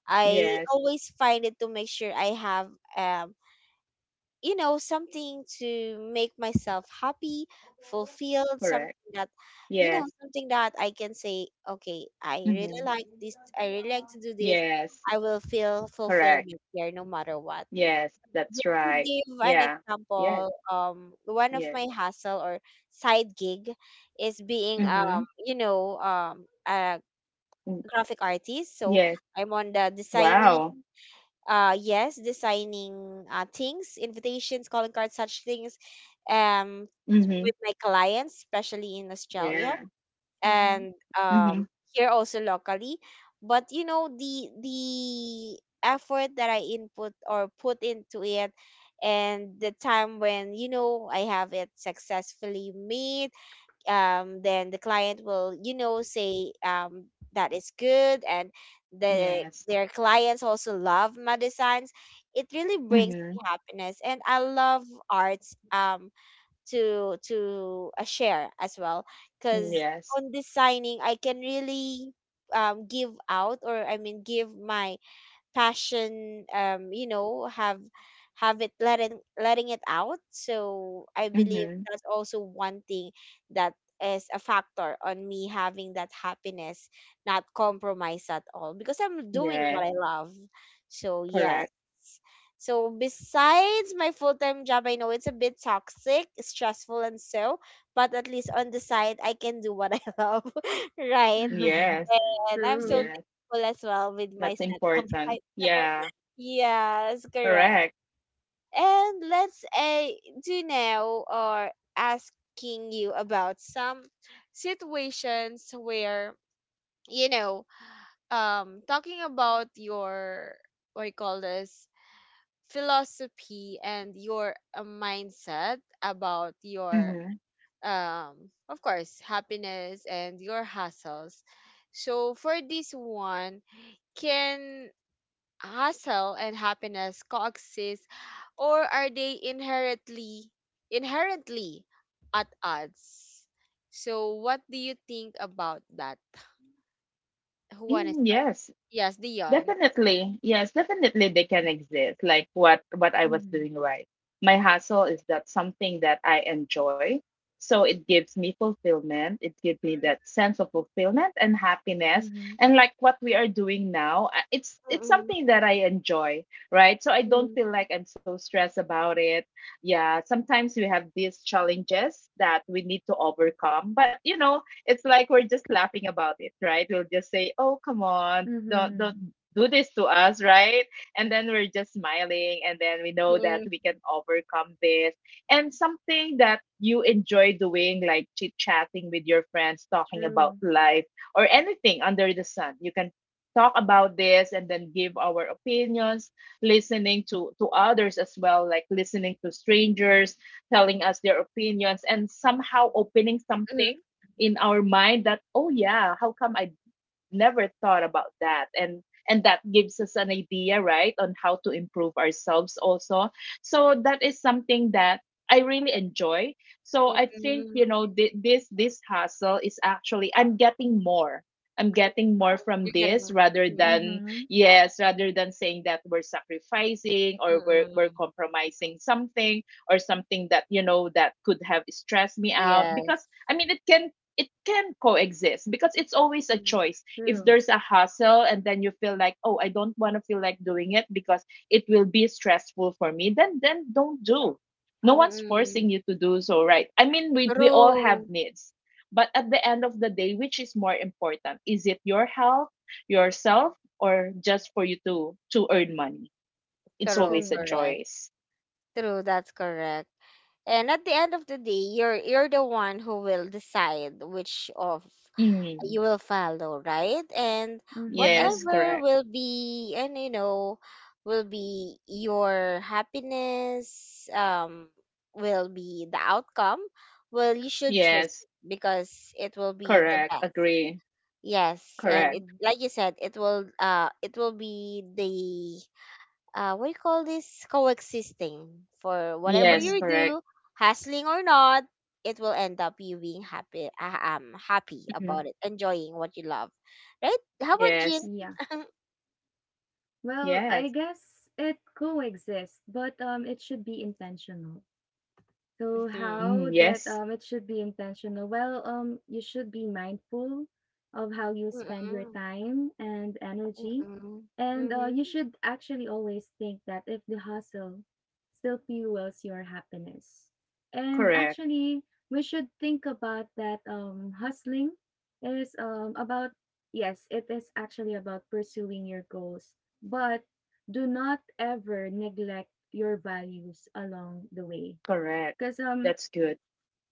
S1: I
S2: Yes.
S1: always find it to make sure I have um you know something to make myself happy, fulfilled,
S2: Correct.
S1: something that you know,
S2: Yes.
S1: something that I can say, okay, I really
S2: Hmm.
S1: like this, I really like to do this, I
S2: Yes.
S1: will feel
S2: Correct.
S1: fulfillment here no matter what.
S2: Yes. That's
S1: Just to
S2: right.
S1: give an
S2: Yeah. Yes.
S1: example, one of
S2: Yes.
S1: my hustle or side gig is being
S2: Mm-hmm.
S1: you know a
S2: Mm,
S1: graphic artist. So
S2: yes.
S1: I'm on the designing,
S2: Wow.
S1: yes, designing, things, invitations, calling cards, such things, um
S2: Mm-hmm.
S1: with my clients, especially in Australia,
S2: Yeah.
S3: Mm-hmm.
S1: and um
S2: Mm-hmm.
S1: here also locally. But you know, the effort that I input or put into it, and the time when, you know, I have it successfully made, then the client will, you know, say, that is good, and the
S2: Yes.
S1: their clients also love my designs. It really brings me
S2: Mm-hmm.
S1: happiness, and I love arts, to, share as well, because
S2: Yes.
S1: on designing I can really give out, or I mean give my passion, you know, have it, letting it out. So I believe
S2: Mm-hmm.
S1: that's also one thing that is a factor on me having that happiness not compromise at all, because I'm doing what I
S2: Yes.
S1: love. So yes,
S2: Correct.
S1: so besides my full-time job, I know it's a bit toxic, stressful, and so, but at least on the side I can do what I [LAUGHS] love, right?
S2: Yes.
S3: [LAUGHS]
S1: And I'm so
S3: True.
S2: Yes.
S1: thankful as well with my
S2: That's
S1: setup.
S2: important.
S1: [LAUGHS] Oh,
S2: Yeah.
S1: yes, correct.
S2: Correct.
S1: And let's do now, or asking you about some situations where you know, talking about your what you call this philosophy and your mindset about your
S2: Mm-hmm.
S1: of course, happiness and your hustles. So for this one, can hustle and happiness coexist, or are they inherently at odds? So what do you think about that? Who wanna
S2: Mm,
S1: start?
S2: yes.
S1: Yes, Dion.
S2: Definitely. Yes, definitely they can exist. Like what I was
S3: Mm-hmm.
S2: doing, right. My hustle is that something that I enjoy. So it gives me fulfillment. It gives me that sense of fulfillment and happiness.
S3: Mm-hmm.
S2: And like what we are doing now, I- it's
S1: Mm-mm.
S2: something that I enjoy, right? So I don't
S1: Mm.
S2: feel like I'm so stressed about it. Yeah, sometimes we have these challenges that we need to overcome, but you know, it's like we're just laughing about it, right? We'll just say, "Oh, come on, don't
S3: Mm-hmm.
S2: don't do this to us, right? And then we're just smiling, and then we know that
S1: Mm-mm,
S2: we can overcome this. And something that you enjoy doing, like chit chatting with your friends, talking about
S3: True.
S2: life or anything under the sun, you can talk about this and then give our opinions, listening to others as well, like listening to strangers telling us their opinions and somehow opening something in our mind that, oh yeah, how come I never thought about that? And that gives us an idea, right, on how to improve ourselves also. So that is something that I really enjoy. So
S1: mhm,
S2: I think,
S1: mm-mm.
S2: you know, this hustle is actually, I'm getting more, I'm getting more from
S1: You're getting,
S2: this rather
S1: mm,
S2: than,
S3: Mhm.
S2: yes, rather than saying that we're sacrificing, or we're
S1: mm-mm.
S2: compromising something or something that, you know, that could have stressed me out.
S1: Yes.
S2: Because I mean it can, it can coexist because it's always a
S1: Mm,
S2: choice. If
S3: True.
S2: there's a hustle and then you feel like, oh I don't want to feel like doing it because it will be stressful for me, then don't do, no one's
S1: mm-mm.
S2: forcing you to do so, right? I mean, we all have
S1: True.
S2: needs, but at the end of the day, which is more important, is it your health, yourself, or just for you to earn money? It's
S1: True,
S2: always a
S3: True.
S1: correct.
S2: choice.
S1: True, that's correct. And at the end of the day, you're the one who will decide which of
S2: Mm.
S1: you will follow, right? And
S2: Yes.
S3: Mhm.
S1: whatever
S2: Correct.
S1: will be, and you know, will be your happiness, will be the outcome. Well, you should choose
S2: Yes.
S1: it because it will be the
S2: Correct.
S1: best.
S2: Agree.
S1: Yes, and
S2: Correct.
S1: it,
S3: True.
S1: like you said, it will be the what do you call this? Coexisting for whatever
S2: Yes.
S3: Mhm.
S1: you
S2: Correct.
S1: do, hustling or not, it will end up you being happy, happy
S2: Mhm.
S1: about it, enjoying what you love, right? How about Jin?
S2: Yes.
S3: Yeah.
S1: [LAUGHS]
S3: Well, I
S2: Yes.
S3: guess it coexists, but it should be intentional. So
S1: Mm.
S3: how
S2: Mm,
S3: that
S2: yes,
S3: it should be intentional. Well, you should be mindful of how you spend your
S1: Mm-mm.
S3: time and energy,
S1: Mm-mm.
S3: and you
S1: Hmm.
S3: should actually always think that if the hustle still fuels your happiness, and
S2: correct,
S3: actually we should think about that hustling is about yes, it is actually about pursuing your goals, but do not ever neglect your values along the way.
S2: correct.
S3: Cause
S2: That's good.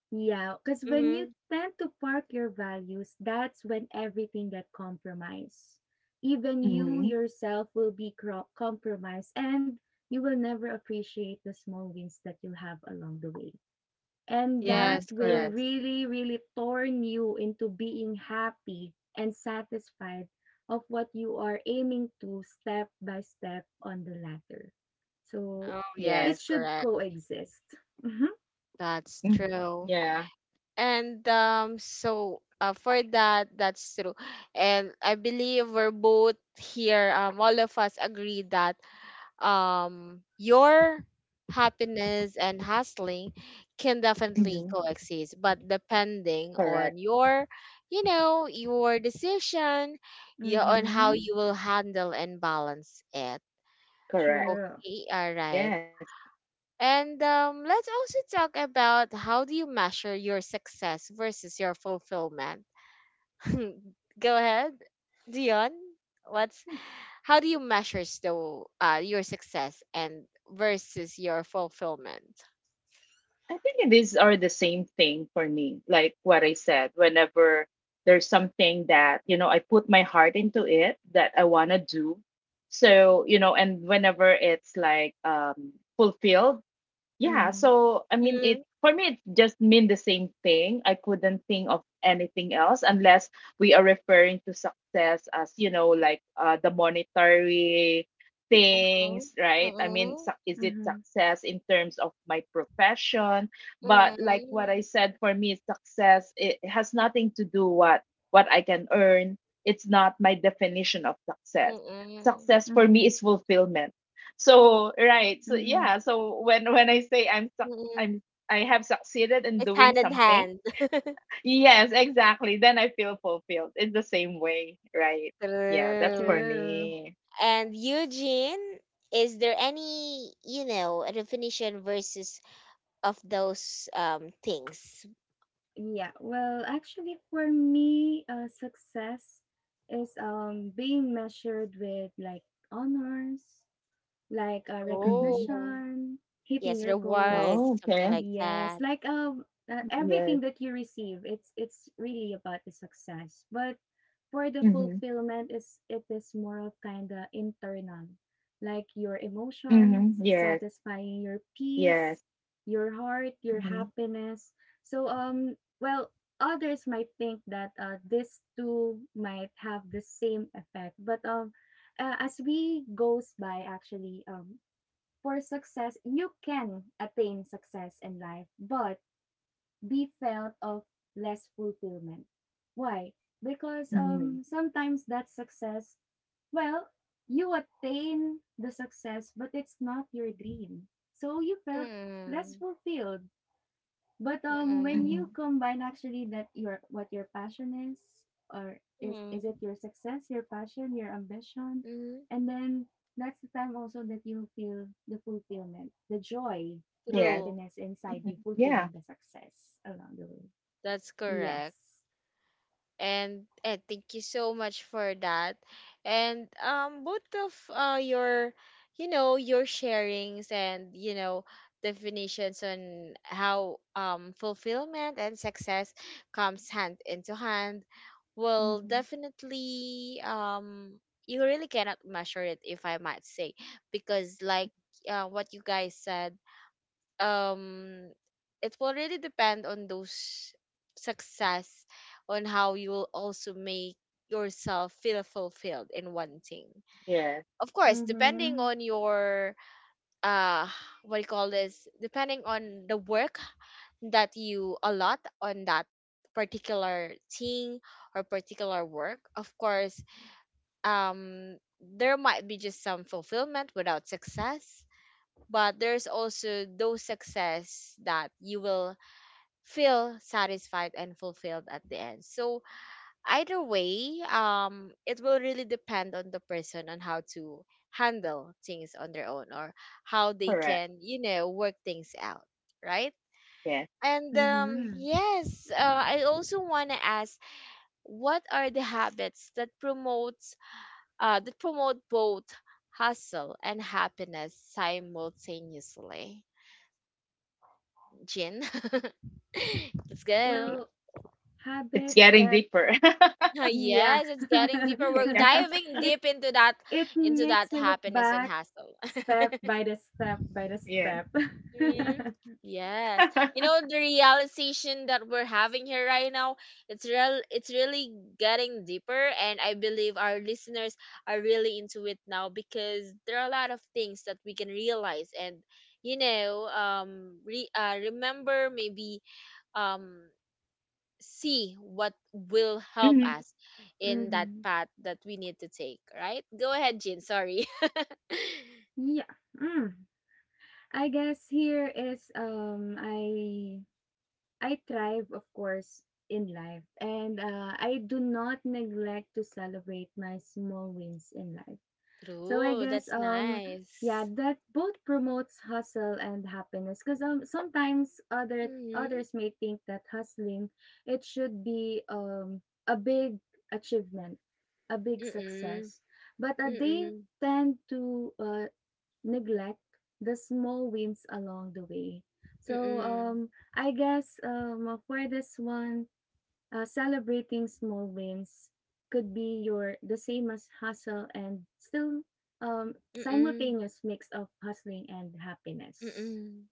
S3: yeah, cause when you
S1: Hmm.
S3: tend to park your values, that's when everything get compromised. Even you
S2: Mm-hmm.
S3: yourself will be cro- compromised, and you will never appreciate the small wins that you have along the way. And that
S2: Mm-hmm.
S1: Yes,
S3: will
S1: correct.
S2: Yes,
S3: really, really turn you into being happy and satisfied of what you are aiming to step by step on the ladder. So
S1: Oh, yes,
S3: it
S2: yes.
S3: should
S1: correct.
S3: coexist. Mm-hmm.
S1: That's
S2: Mm-hmm.
S1: true.
S2: Yeah.
S1: And so for that, that's true. And I believe we're both here. All of us agree that your happiness and hustling can definitely
S2: Mm-hmm.
S1: coexist, but depending
S2: Correct,
S1: on your, you know, your decision, yeah, on how
S3: Mm-hmm.
S1: you will handle and balance it.
S2: correct.
S3: True.
S1: Okay, all right.
S2: Yes.
S1: And let's also talk about how do you measure your success versus your fulfillment. [CLEARS THROAT] Go ahead, Dion. What's how do you measure the your success and versus your fulfillment?
S2: I think these are the same thing for me. Like what I said, whenever there's something that, you know, I put my heart into it that I want to do. So, you know, and whenever it's like fulfilled. Yeah,
S3: Mhm.
S2: so I mean, it,
S1: Mm,
S2: for me it just mean the same thing. I couldn't think of anything else unless we are referring to success as, you know, like the monetary
S1: mm-mm.
S2: things, right? I mean,
S1: Mm-mm.
S2: su- is it
S3: Mhm.
S2: success in terms of my profession? But like what
S1: Mm-mm.
S2: I said, for me success it has nothing to do what I can earn. It's not my definition of success.
S1: Mm-mm.
S2: Success for me
S3: Mhm.
S2: is fulfillment, so right. So
S3: Mhm.
S2: yeah. So when I say I'm suc-, I'm, I have succeeded in
S1: It's
S2: doing
S1: hand in
S2: something,
S1: hand. [LAUGHS]
S2: yes, exactly. Then I feel fulfilled. It's the same way, right? Yeah, that's for
S1: True.
S3: True.
S2: me.
S1: And Eugene, is there any, you know, definition versus of those things?
S3: Yeah. Well, actually, for me, success is being measured with like honors, like
S2: Mm-hmm.
S1: Oh,
S3: recognition, hitting
S1: yes,
S3: your goals.
S1: rewards,
S2: Oh,
S1: something
S2: okay.
S1: like
S3: Yes,
S1: that.
S3: like
S2: Yes.
S3: everything that you receive, it's really about the success. But for the
S2: Mm-hmm.
S3: fulfillment, is it is more of kind of internal, like your emotions,
S2: Mm-hmm. Yes.
S3: satisfying your peace,
S2: Yes.
S3: your heart, your
S2: Mm-hmm.
S3: happiness. So well, others might think that these two might have the same effect, but as we goes by actually, for success you can attain success in life but be felt of less fulfillment. Why? Because
S2: Mm-hmm.
S3: sometimes that success, well, you attain the success but it's not your dream, so you felt less
S1: Mm.
S3: fulfilled. But when
S1: Mm.
S3: you
S2: Mm-hmm.
S3: combine actually that your what your passion is, or is is it
S1: Mm-hmm.
S3: your success, your passion, your ambition,
S1: Mm-hmm.
S3: and then that's the time also that you feel the fulfillment, the joy, the
S1: True.
S2: Yes.
S3: happiness inside you,
S2: Mm-hmm.
S3: fulfilling the
S2: Yeah.
S3: success along the way.
S1: That's
S3: Yes.
S1: correct. And eh, thank you so much for that. And both of your, you know, your sharings, and you know, definitions on how fulfillment and success comes hand into hand will
S3: Mm-hmm.
S1: definitely you really cannot measure it, if I might say, because like what you guys said, um it will really depend on those success on how you will also make yourself feel fulfilled in one thing,
S2: Yes.
S1: of course depending
S3: Mm-hmm.
S1: on your uh what do you call this, depending on the work that you allot on that particular thing or particular work. Of course, um there might be just some fulfillment without success, but there's also those success that you will feel satisfied and fulfilled at the end. So either way, it will really depend on the person on how to handle things on their own, or how they can, you
S2: Correct.
S1: know, work things out, right?
S2: Yes.
S1: And
S3: Mm-hmm.
S1: yes, I also want to ask, what are the habits that promotes that promote both hustle and happiness simultaneously? Jin, [LAUGHS] let's
S2: Okay.
S1: go.
S3: Well,
S2: It's
S3: habits
S2: getting
S3: that
S2: deeper.
S1: [LAUGHS]
S3: yeah,
S1: Yes, it's getting
S2: [LAUGHS]
S1: deeper.
S2: yeah.
S1: We're
S3: [LAUGHS]
S1: diving
S3: it
S1: deep into that,
S3: It
S1: into that
S3: makes me look
S1: happiness and
S3: back
S1: hassle.
S3: step by
S1: [LAUGHS]
S3: the step by the
S2: Yeah.
S3: step.
S1: Mhm.
S3: [LAUGHS]
S1: Yes. You
S2: [LAUGHS]
S1: know the realization that we're having here right now, it's really getting deeper, and I believe our listeners are really into it now, because there are a lot of things that we can realize, and you know, remember maybe um see what will help
S2: Mhm.
S1: us in that
S3: Mhm.
S1: path that we need to take, right? Go ahead, Jin. Sorry. [LAUGHS]
S3: Yeah. Mm. I guess here is I thrive of course in life, and I do not neglect to celebrate my small wins in life. So I
S1: True.
S3: guess
S1: That's
S3: yeah,
S1: nice.
S3: that both promotes hustle and happiness because sometimes other
S1: Mm-hmm.
S3: others may think that hustling it should be a big achievement, a big
S1: Mm-mm.
S3: success. But they
S1: Mm-mm.
S3: tend to neglect the small wins along the way. So
S1: Mm-mm.
S3: I guess for this one, celebrating small wins could be your the same as hustle and still
S1: Mm-mm.
S3: simultaneous mix of hustling and happiness.
S1: Mm-mm.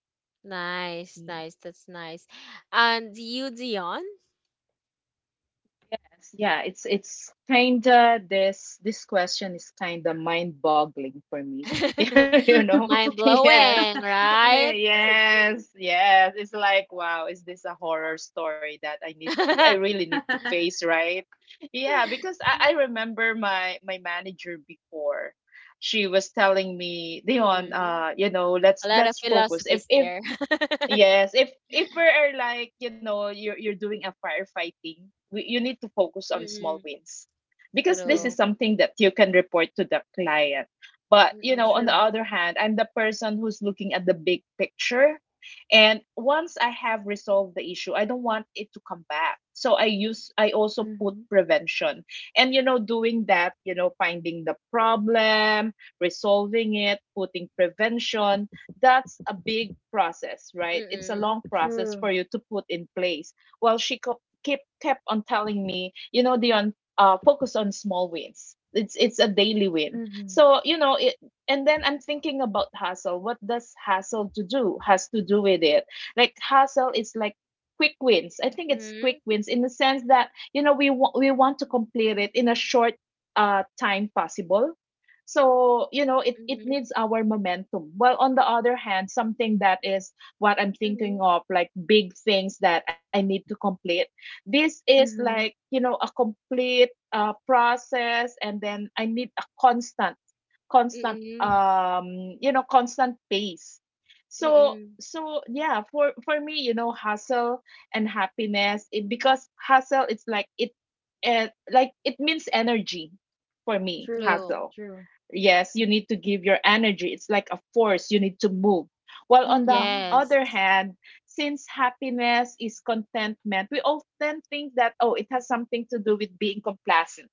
S1: Nice,
S3: Yeah.
S1: nice. That's nice. And you, Dion?
S2: Yes, yeah, it's kinda, this question is kinda mind-boggling for me.
S1: [LAUGHS]
S2: [LAUGHS] You
S3: True.
S2: know?
S1: Mind
S3: [LAUGHS]
S2: [LAUGHS] Yes.
S1: blowing,
S2: [LAUGHS]
S1: right?
S2: Yes, yes. It's like, wow, is this a horror story that
S1: [LAUGHS]
S2: I
S1: Mm-mm.
S2: really need to face, right? Yeah, because I remember my manager before. She was telling me, Dion, you know, let's
S1: A lot of
S2: let's focus. If
S1: philosophies there. [LAUGHS]
S2: yes, if we are like, you know, you're doing a firefighting, we, you need to focus on small
S1: Mm-mm.
S2: wins because this
S3: True.
S2: is
S1: True.
S2: something that you can report to the client. But you know, on the
S3: True.
S2: other hand, I'm the person who's looking at the big picture, and once I have resolved the issue, I don't want it to come back. So I also put
S3: Mm-hmm.
S2: prevention, and you know, doing that, you know, finding the problem, resolving it, putting prevention, that's a big process, right? It's a
S1: Mm.
S2: long process
S3: True.
S2: for you to put in place. Well, she co- kept on telling me, you know, Dion, focus on small wins. It's a daily win.
S3: Mm-hmm.
S2: So you know it. And then I'm thinking about hustle. What does hustle to do has to do with it? Like hustle is like quick wins. I think it's quick
S1: Mhm.
S2: wins in the sense that you know, we want to complete it in a short time possible. So, you know, it
S1: Mhm.
S2: needs our momentum. Well, on the other hand, something that is what I'm thinking
S1: Mhm.
S2: of, like big things that I need to complete. This is like,
S3: Mm-hmm.
S2: you know, a complete process. And then I need a constant,
S1: Mm.
S2: you know, constant pace. So,
S1: Mm.
S2: yeah, for me, you know, hustle and happiness, because hustle, it's like, like it means energy for me,
S3: True.
S1: True.
S2: hustle,
S3: True.
S2: yes, you need to give your energy. It's like a force. You need to move. While on the
S3: Mm-hmm.
S1: Yes.
S2: other hand, since happiness is contentment, we often think that, oh, it has something to do with being complacent,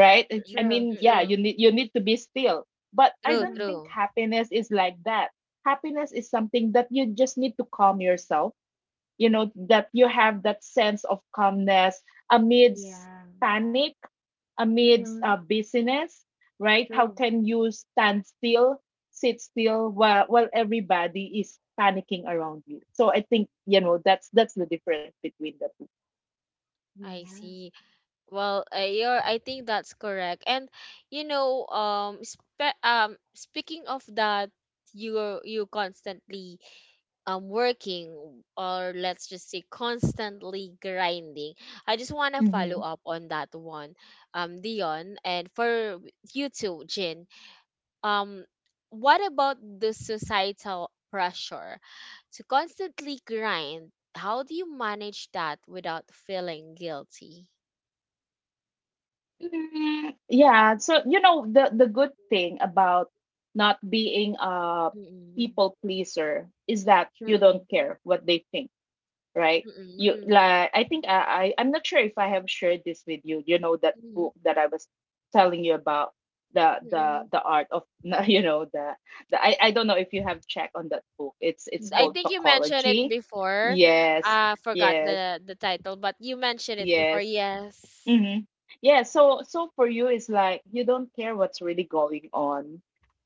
S2: right? I
S1: Mm.
S3: True.
S2: mean, yeah,
S1: Mm.
S3: True.
S2: you need to be still. But I
S1: True,
S2: don't
S3: Mm-hmm.
S2: think
S1: true.
S2: happiness is like that. Happiness is something that you just need to calm yourself, you know, that you have that sense of calmness amidst
S3: Yeah.
S2: panic, amidst
S3: Mm-hmm.
S2: busyness, right? How
S3: True.
S2: can you stand still, sit still while, everybody is panicking around you? So I think, you know, that's the difference between the two.
S1: I
S3: Yeah.
S1: see. Well, you're, I think that's correct. And you know, speaking of that, you constantly working, or let's just say, constantly grinding. I just want to follow
S2: Mhm.
S1: up on that one, Dion, and for you too, Jin. Um, what about the societal pressure to constantly grind? How do you manage that without feeling guilty?
S2: Mm, yeah. So, you know, the good thing about not being a
S1: Mm-mm.
S2: people pleaser is that you
S3: True.
S2: don't
S1: Mm-mm.
S2: care what they think, right? You
S1: Mm-mm.
S2: like, I think I I'm not sure if I have shared this with you. You know that
S1: Mm-mm.
S2: book that I was telling you about, the the
S1: Mm-mm.
S2: the art of [LAUGHS] you know, the I don't know if you have checked on that book. It's
S1: I
S2: called
S1: think
S3: Mm-hmm.
S1: you mentioned it
S2: Pacology.
S1: before.
S2: Yes,
S1: I forgot
S2: yes,
S1: the title, but you mentioned it before.
S2: yes.
S1: Yes.
S2: Mm-hmm. Yeah, so so for you it's like you don't care what's really going on.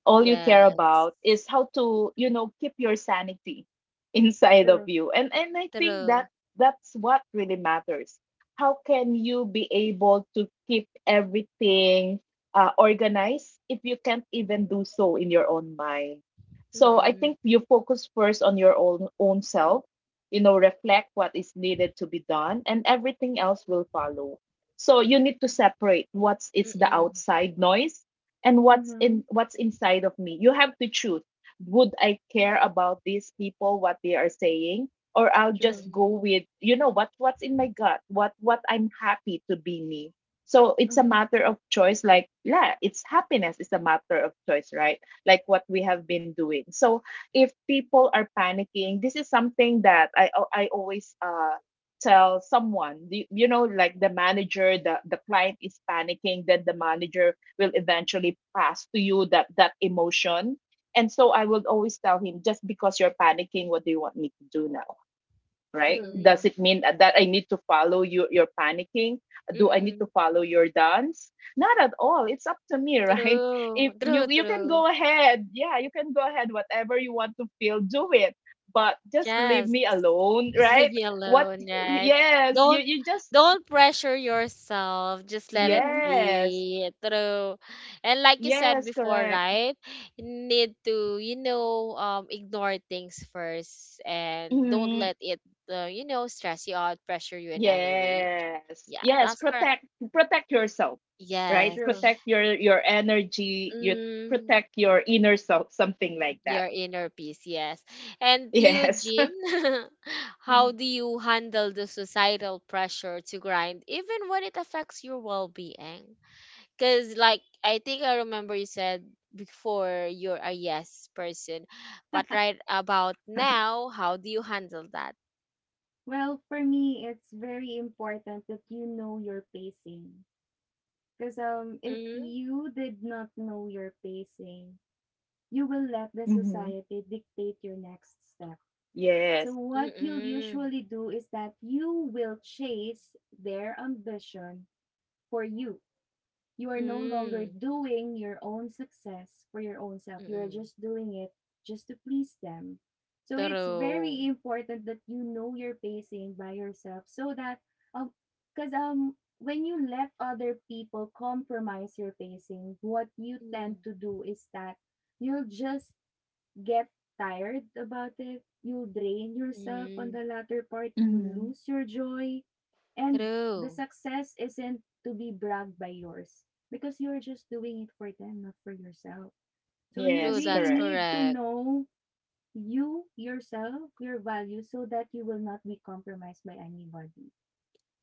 S2: All you care
S1: Yes.
S2: about is how to, you know, keep your sanity [LAUGHS] inside of
S3: True.
S2: you. And I think
S1: True.
S2: that that's what really matters. How can you be able to keep everything organized if you can't even do so in your own mind? So I
S1: Mm-mm.
S2: think you focus first on your own self, you know, reflect what is needed to be done, and everything else will follow. So you need to separate what's is the
S1: Mm-mm.
S2: outside noise and
S3: Mm-hmm.
S2: what's inside of me. You have to choose. Would I care about these people what they are saying, or I'll just
S3: True.
S2: go
S1: Mm-mm.
S2: with, you know, what's in my gut, what I'm happy to be me. So it's a
S3: Mm-hmm.
S2: matter of choice, like, yeah, it's, happiness is a matter of choice, right? Like what we have been doing. So if people are panicking, this is something that I always tell someone, you know, like the manager, the client is panicking, then the manager will eventually pass to you that that emotion. And so I would always tell him, just because you're panicking, what do you want me to do now, right?
S3: True.
S2: Does
S1: Mm-mm.
S2: it mean that I need to follow you, your panicking? Do I need to
S1: Mm-mm.
S2: follow your dance? Not at all. It's up to me, [LAUGHS] right?
S1: True.
S2: If you,
S1: True,
S2: you can
S1: true.
S2: go ahead, yeah, you can go ahead. Whatever you want to feel, do it. But just leave
S1: Yes.
S2: me alone,
S1: Just leave
S2: right?
S1: me
S2: What?
S1: alone, right?
S2: Yes,
S1: Don't
S2: you just
S1: don't pressure yourself. Just let it
S3: True.
S2: yes,
S1: be through. And like you said
S2: yes,
S1: before,
S2: correct.
S1: right? You need to, you know, ignore things first, and don't
S2: Mhm.
S1: let it you know, stress you out, pressure you in any way.
S2: Yes.
S1: Yeah,
S2: Yes,
S1: that's correct.
S2: protect yourself,
S1: Yes.
S2: right?
S3: True.
S2: Protect your energy, you
S1: Mm,
S2: protect your inner self, something like
S1: your
S2: that.
S1: inner peace, yes. And
S2: Yes.
S1: Eugene, [LAUGHS] how
S3: Mm-hmm.
S1: do you handle the societal pressure to grind, even when it affects your well being? Because, like, I think I remember you said before you're a yes person, but right about now, how do you handle that?
S3: Well, for me, it's very important that you know your pacing. Because if
S1: Mm-hmm.
S3: you did not know your pacing, you will let
S2: [LAUGHS]
S3: the
S2: Hmm.
S3: society dictate your next step.
S2: Yes.
S3: So what you'll
S1: Mm-mm.
S3: usually do is that you will chase their ambition for you. You are no longer
S1: Mm-mm. Mm.
S3: doing your own success for your own self. You're
S1: Mm-mm.
S3: just doing it just to please them. So it's
S1: True.
S3: very important that you know your pacing by yourself, so that um because when you let other people compromise your pacing, what you tend to do is that you'll just get tired about it. You'll drain yourself on
S1: Mm-mm.
S3: the latter part. You
S2: Hmm.
S3: lose your joy. And the
S1: True.
S3: success isn't to be bragged by yours because you're just doing it for them, not for yourself. So you
S1: True,
S2: Yes,
S3: really
S1: that's
S2: correct.
S3: need to
S1: correct.
S3: know you, yourself, your values so that you will not be compromised by anybody.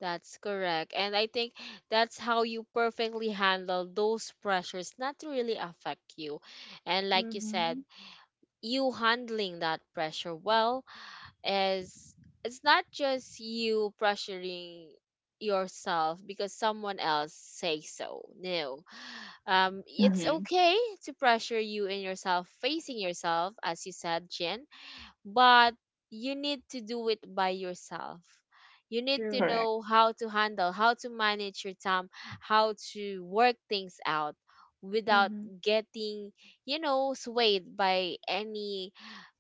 S1: That's correct. And I think that's how you perfectly handle those pressures not to really affect you. And like you
S3: Mm-hmm.
S1: said, you handling that pressure well is it's not just you pressuring yourself because someone else say so. No. It's
S2: Hmm.
S1: okay to pressure you in yourself, facing yourself, as you said, Jen, but you need to do it by yourself. You need to
S3: True.
S2: Correct.
S1: know how to handle, how to manage your time, how to work things out without
S3: Mm-hmm.
S1: getting, you know, swayed by any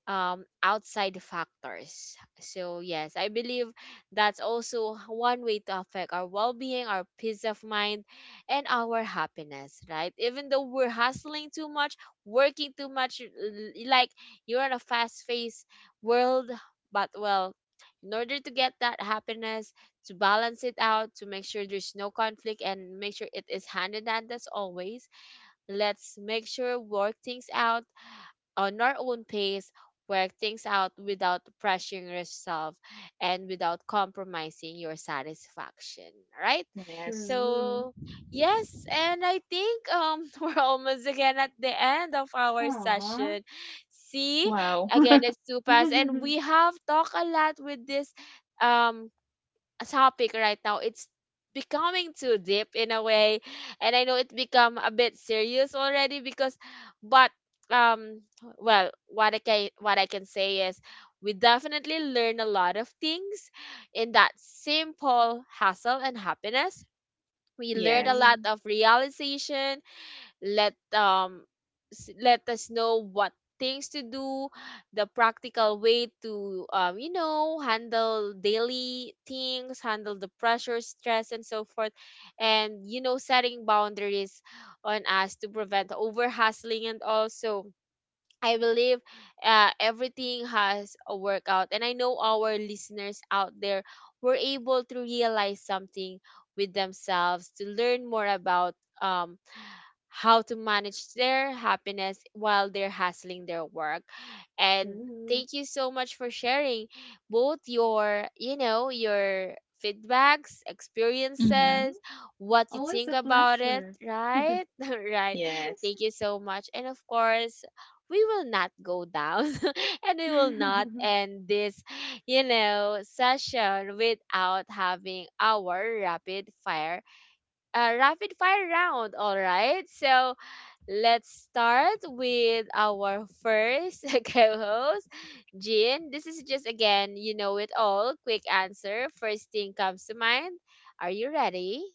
S1: outside factors. So yes, I believe that's also one way to affect our well-being, our peace of mind, and our happiness, right? Even though we're hustling too much, working too much, like you're in a fast-paced world, but well, in order to get that happiness, to balance it out, to make sure there's no conflict and make sure it is hand in hand as always, let's make sure work things out on our own pace, work things out without pressuring yourself and without compromising your satisfaction, all right?
S2: Yes.
S3: True.
S1: So, yes, and I think [LAUGHS] we're almost again at the end of our
S3: Aww.
S1: session. See,
S2: Wow.
S1: again,
S2: [LAUGHS]
S1: it's two past, and we
S3: [LAUGHS]
S1: have talked a lot with this um topic right now. It's becoming too deep in a way, and I know it become a bit serious already because, but um, well, what I can say is we definitely learn a lot of things in that simple hustle and happiness. We learned a
S2: Yes.
S1: lot
S3: True.
S1: of realization, let let us know what things to do, the practical way to you know, handle daily things, handle the pressure, stress, and so forth, and you know, setting boundaries on us to prevent over hustling. And also I believe everything has a workout, and I know our listeners out there were able to realize something with themselves, to learn more about um how to manage their happiness while they're hustling their work. And
S3: True.
S1: thank you so much for sharing both your, you know, your feedbacks,
S2: Hmm.
S3: Mm-hmm.
S1: experiences, what you
S3: Always
S1: think
S3: a
S1: about it,
S3: pleasure.
S1: right? [LAUGHS] Right.
S2: Yes.
S1: Thank you so much. And of course, we will not go down [LAUGHS] and we will not
S3: [LAUGHS]
S1: end this, you know, session without having our rapid fire round. All right. So let's start with our first [LAUGHS] co-host, Jean. This is just again, you know it all. Quick answer. First thing comes to mind. Are you ready?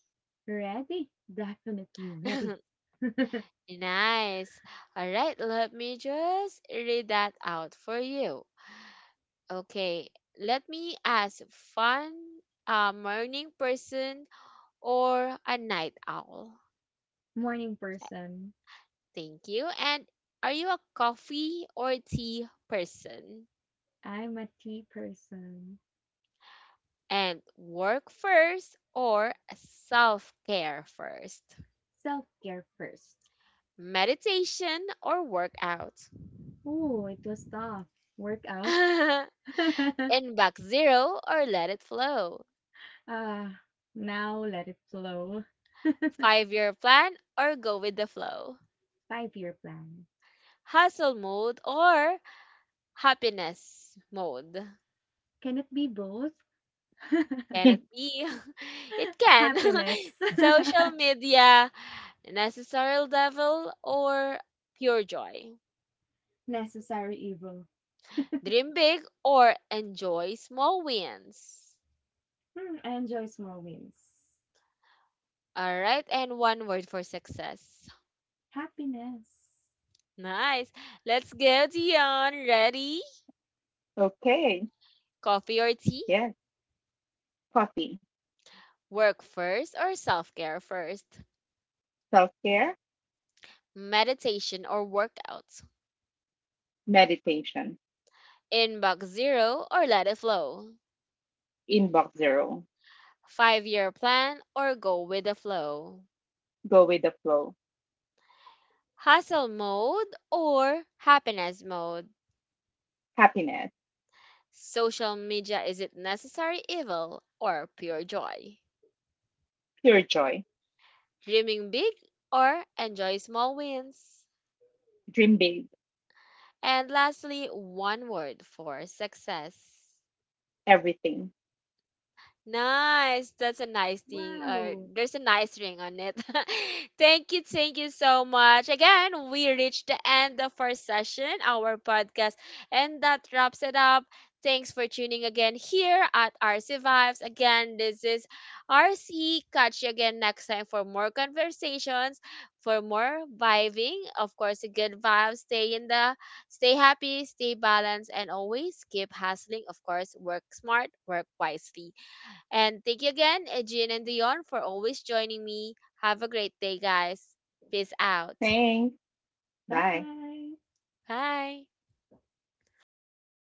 S3: Ready? Definitely ready.
S1: [LAUGHS]
S3: [LAUGHS]
S1: Nice. All right, let me just read that out for you. Okay, let me ask fun, a morning person or a night owl?
S3: Morning person.
S1: Thank you. And are you a coffee or tea person?
S3: I'm a tea person.
S1: And work first or self care first,
S3: Self care first.
S1: meditation or workout,
S3: Oh, it was tough.
S1: [LAUGHS]
S3: Workout.
S1: and
S3: [LAUGHS]
S1: back zero or let it flow,
S3: Ah, now let it flow.
S1: 5 year plan or go with the flow,
S3: [LAUGHS] 5-year plan.
S1: hustle mode or happiness mode.
S3: Can it be both?
S1: Can it
S2: [LAUGHS]
S1: be? [LAUGHS] It
S3: [LAUGHS]
S1: can. [LAUGHS]
S3: Happiness. [LAUGHS]
S1: Social media, necessary level or pure joy.
S3: Necessary evil.
S1: Dream big or enjoy small wins.
S3: Hmm, enjoy small wins.
S1: All right, and one word for success.
S3: Happiness.
S1: Nice. Let's go, Dion. Ready?
S2: Okay.
S1: Coffee or tea?
S2: Yes. Coffee,
S1: Work first or self care first?
S2: self-care,
S1: Meditation or workout?
S2: meditation,
S1: Inbox zero or let it flow?
S2: inbox zero,
S1: 5 year plan or go with the flow?
S2: go with the flow,
S1: Hustle mode or happiness mode?
S2: happiness,
S1: Social media, is it necessary evil or pure joy?
S2: pure joy,
S1: Dreaming big or enjoy small wins?
S2: dream big,
S1: And lastly, one word for success.
S2: everything.
S1: Nice. That's a nice thing.
S3: Wow.
S1: There's a nice ring on it. [LAUGHS] Thank you. Thank you so much. Again, we reached the end of our session, our podcast, and that wraps it up. Thanks for tuning again here at RC Vibes. Again, this is RC. Catch you again next time for more conversations, for more vibing. Of course, a good vibe. Stay in the, stay happy, stay balanced, and always keep hustling. Of course, work smart, work wisely. And thank you again, Jean and Dion, for always joining me. Have a great day, guys. Peace out.
S2: Thanks. Bye.
S3: Bye.
S1: Bye. All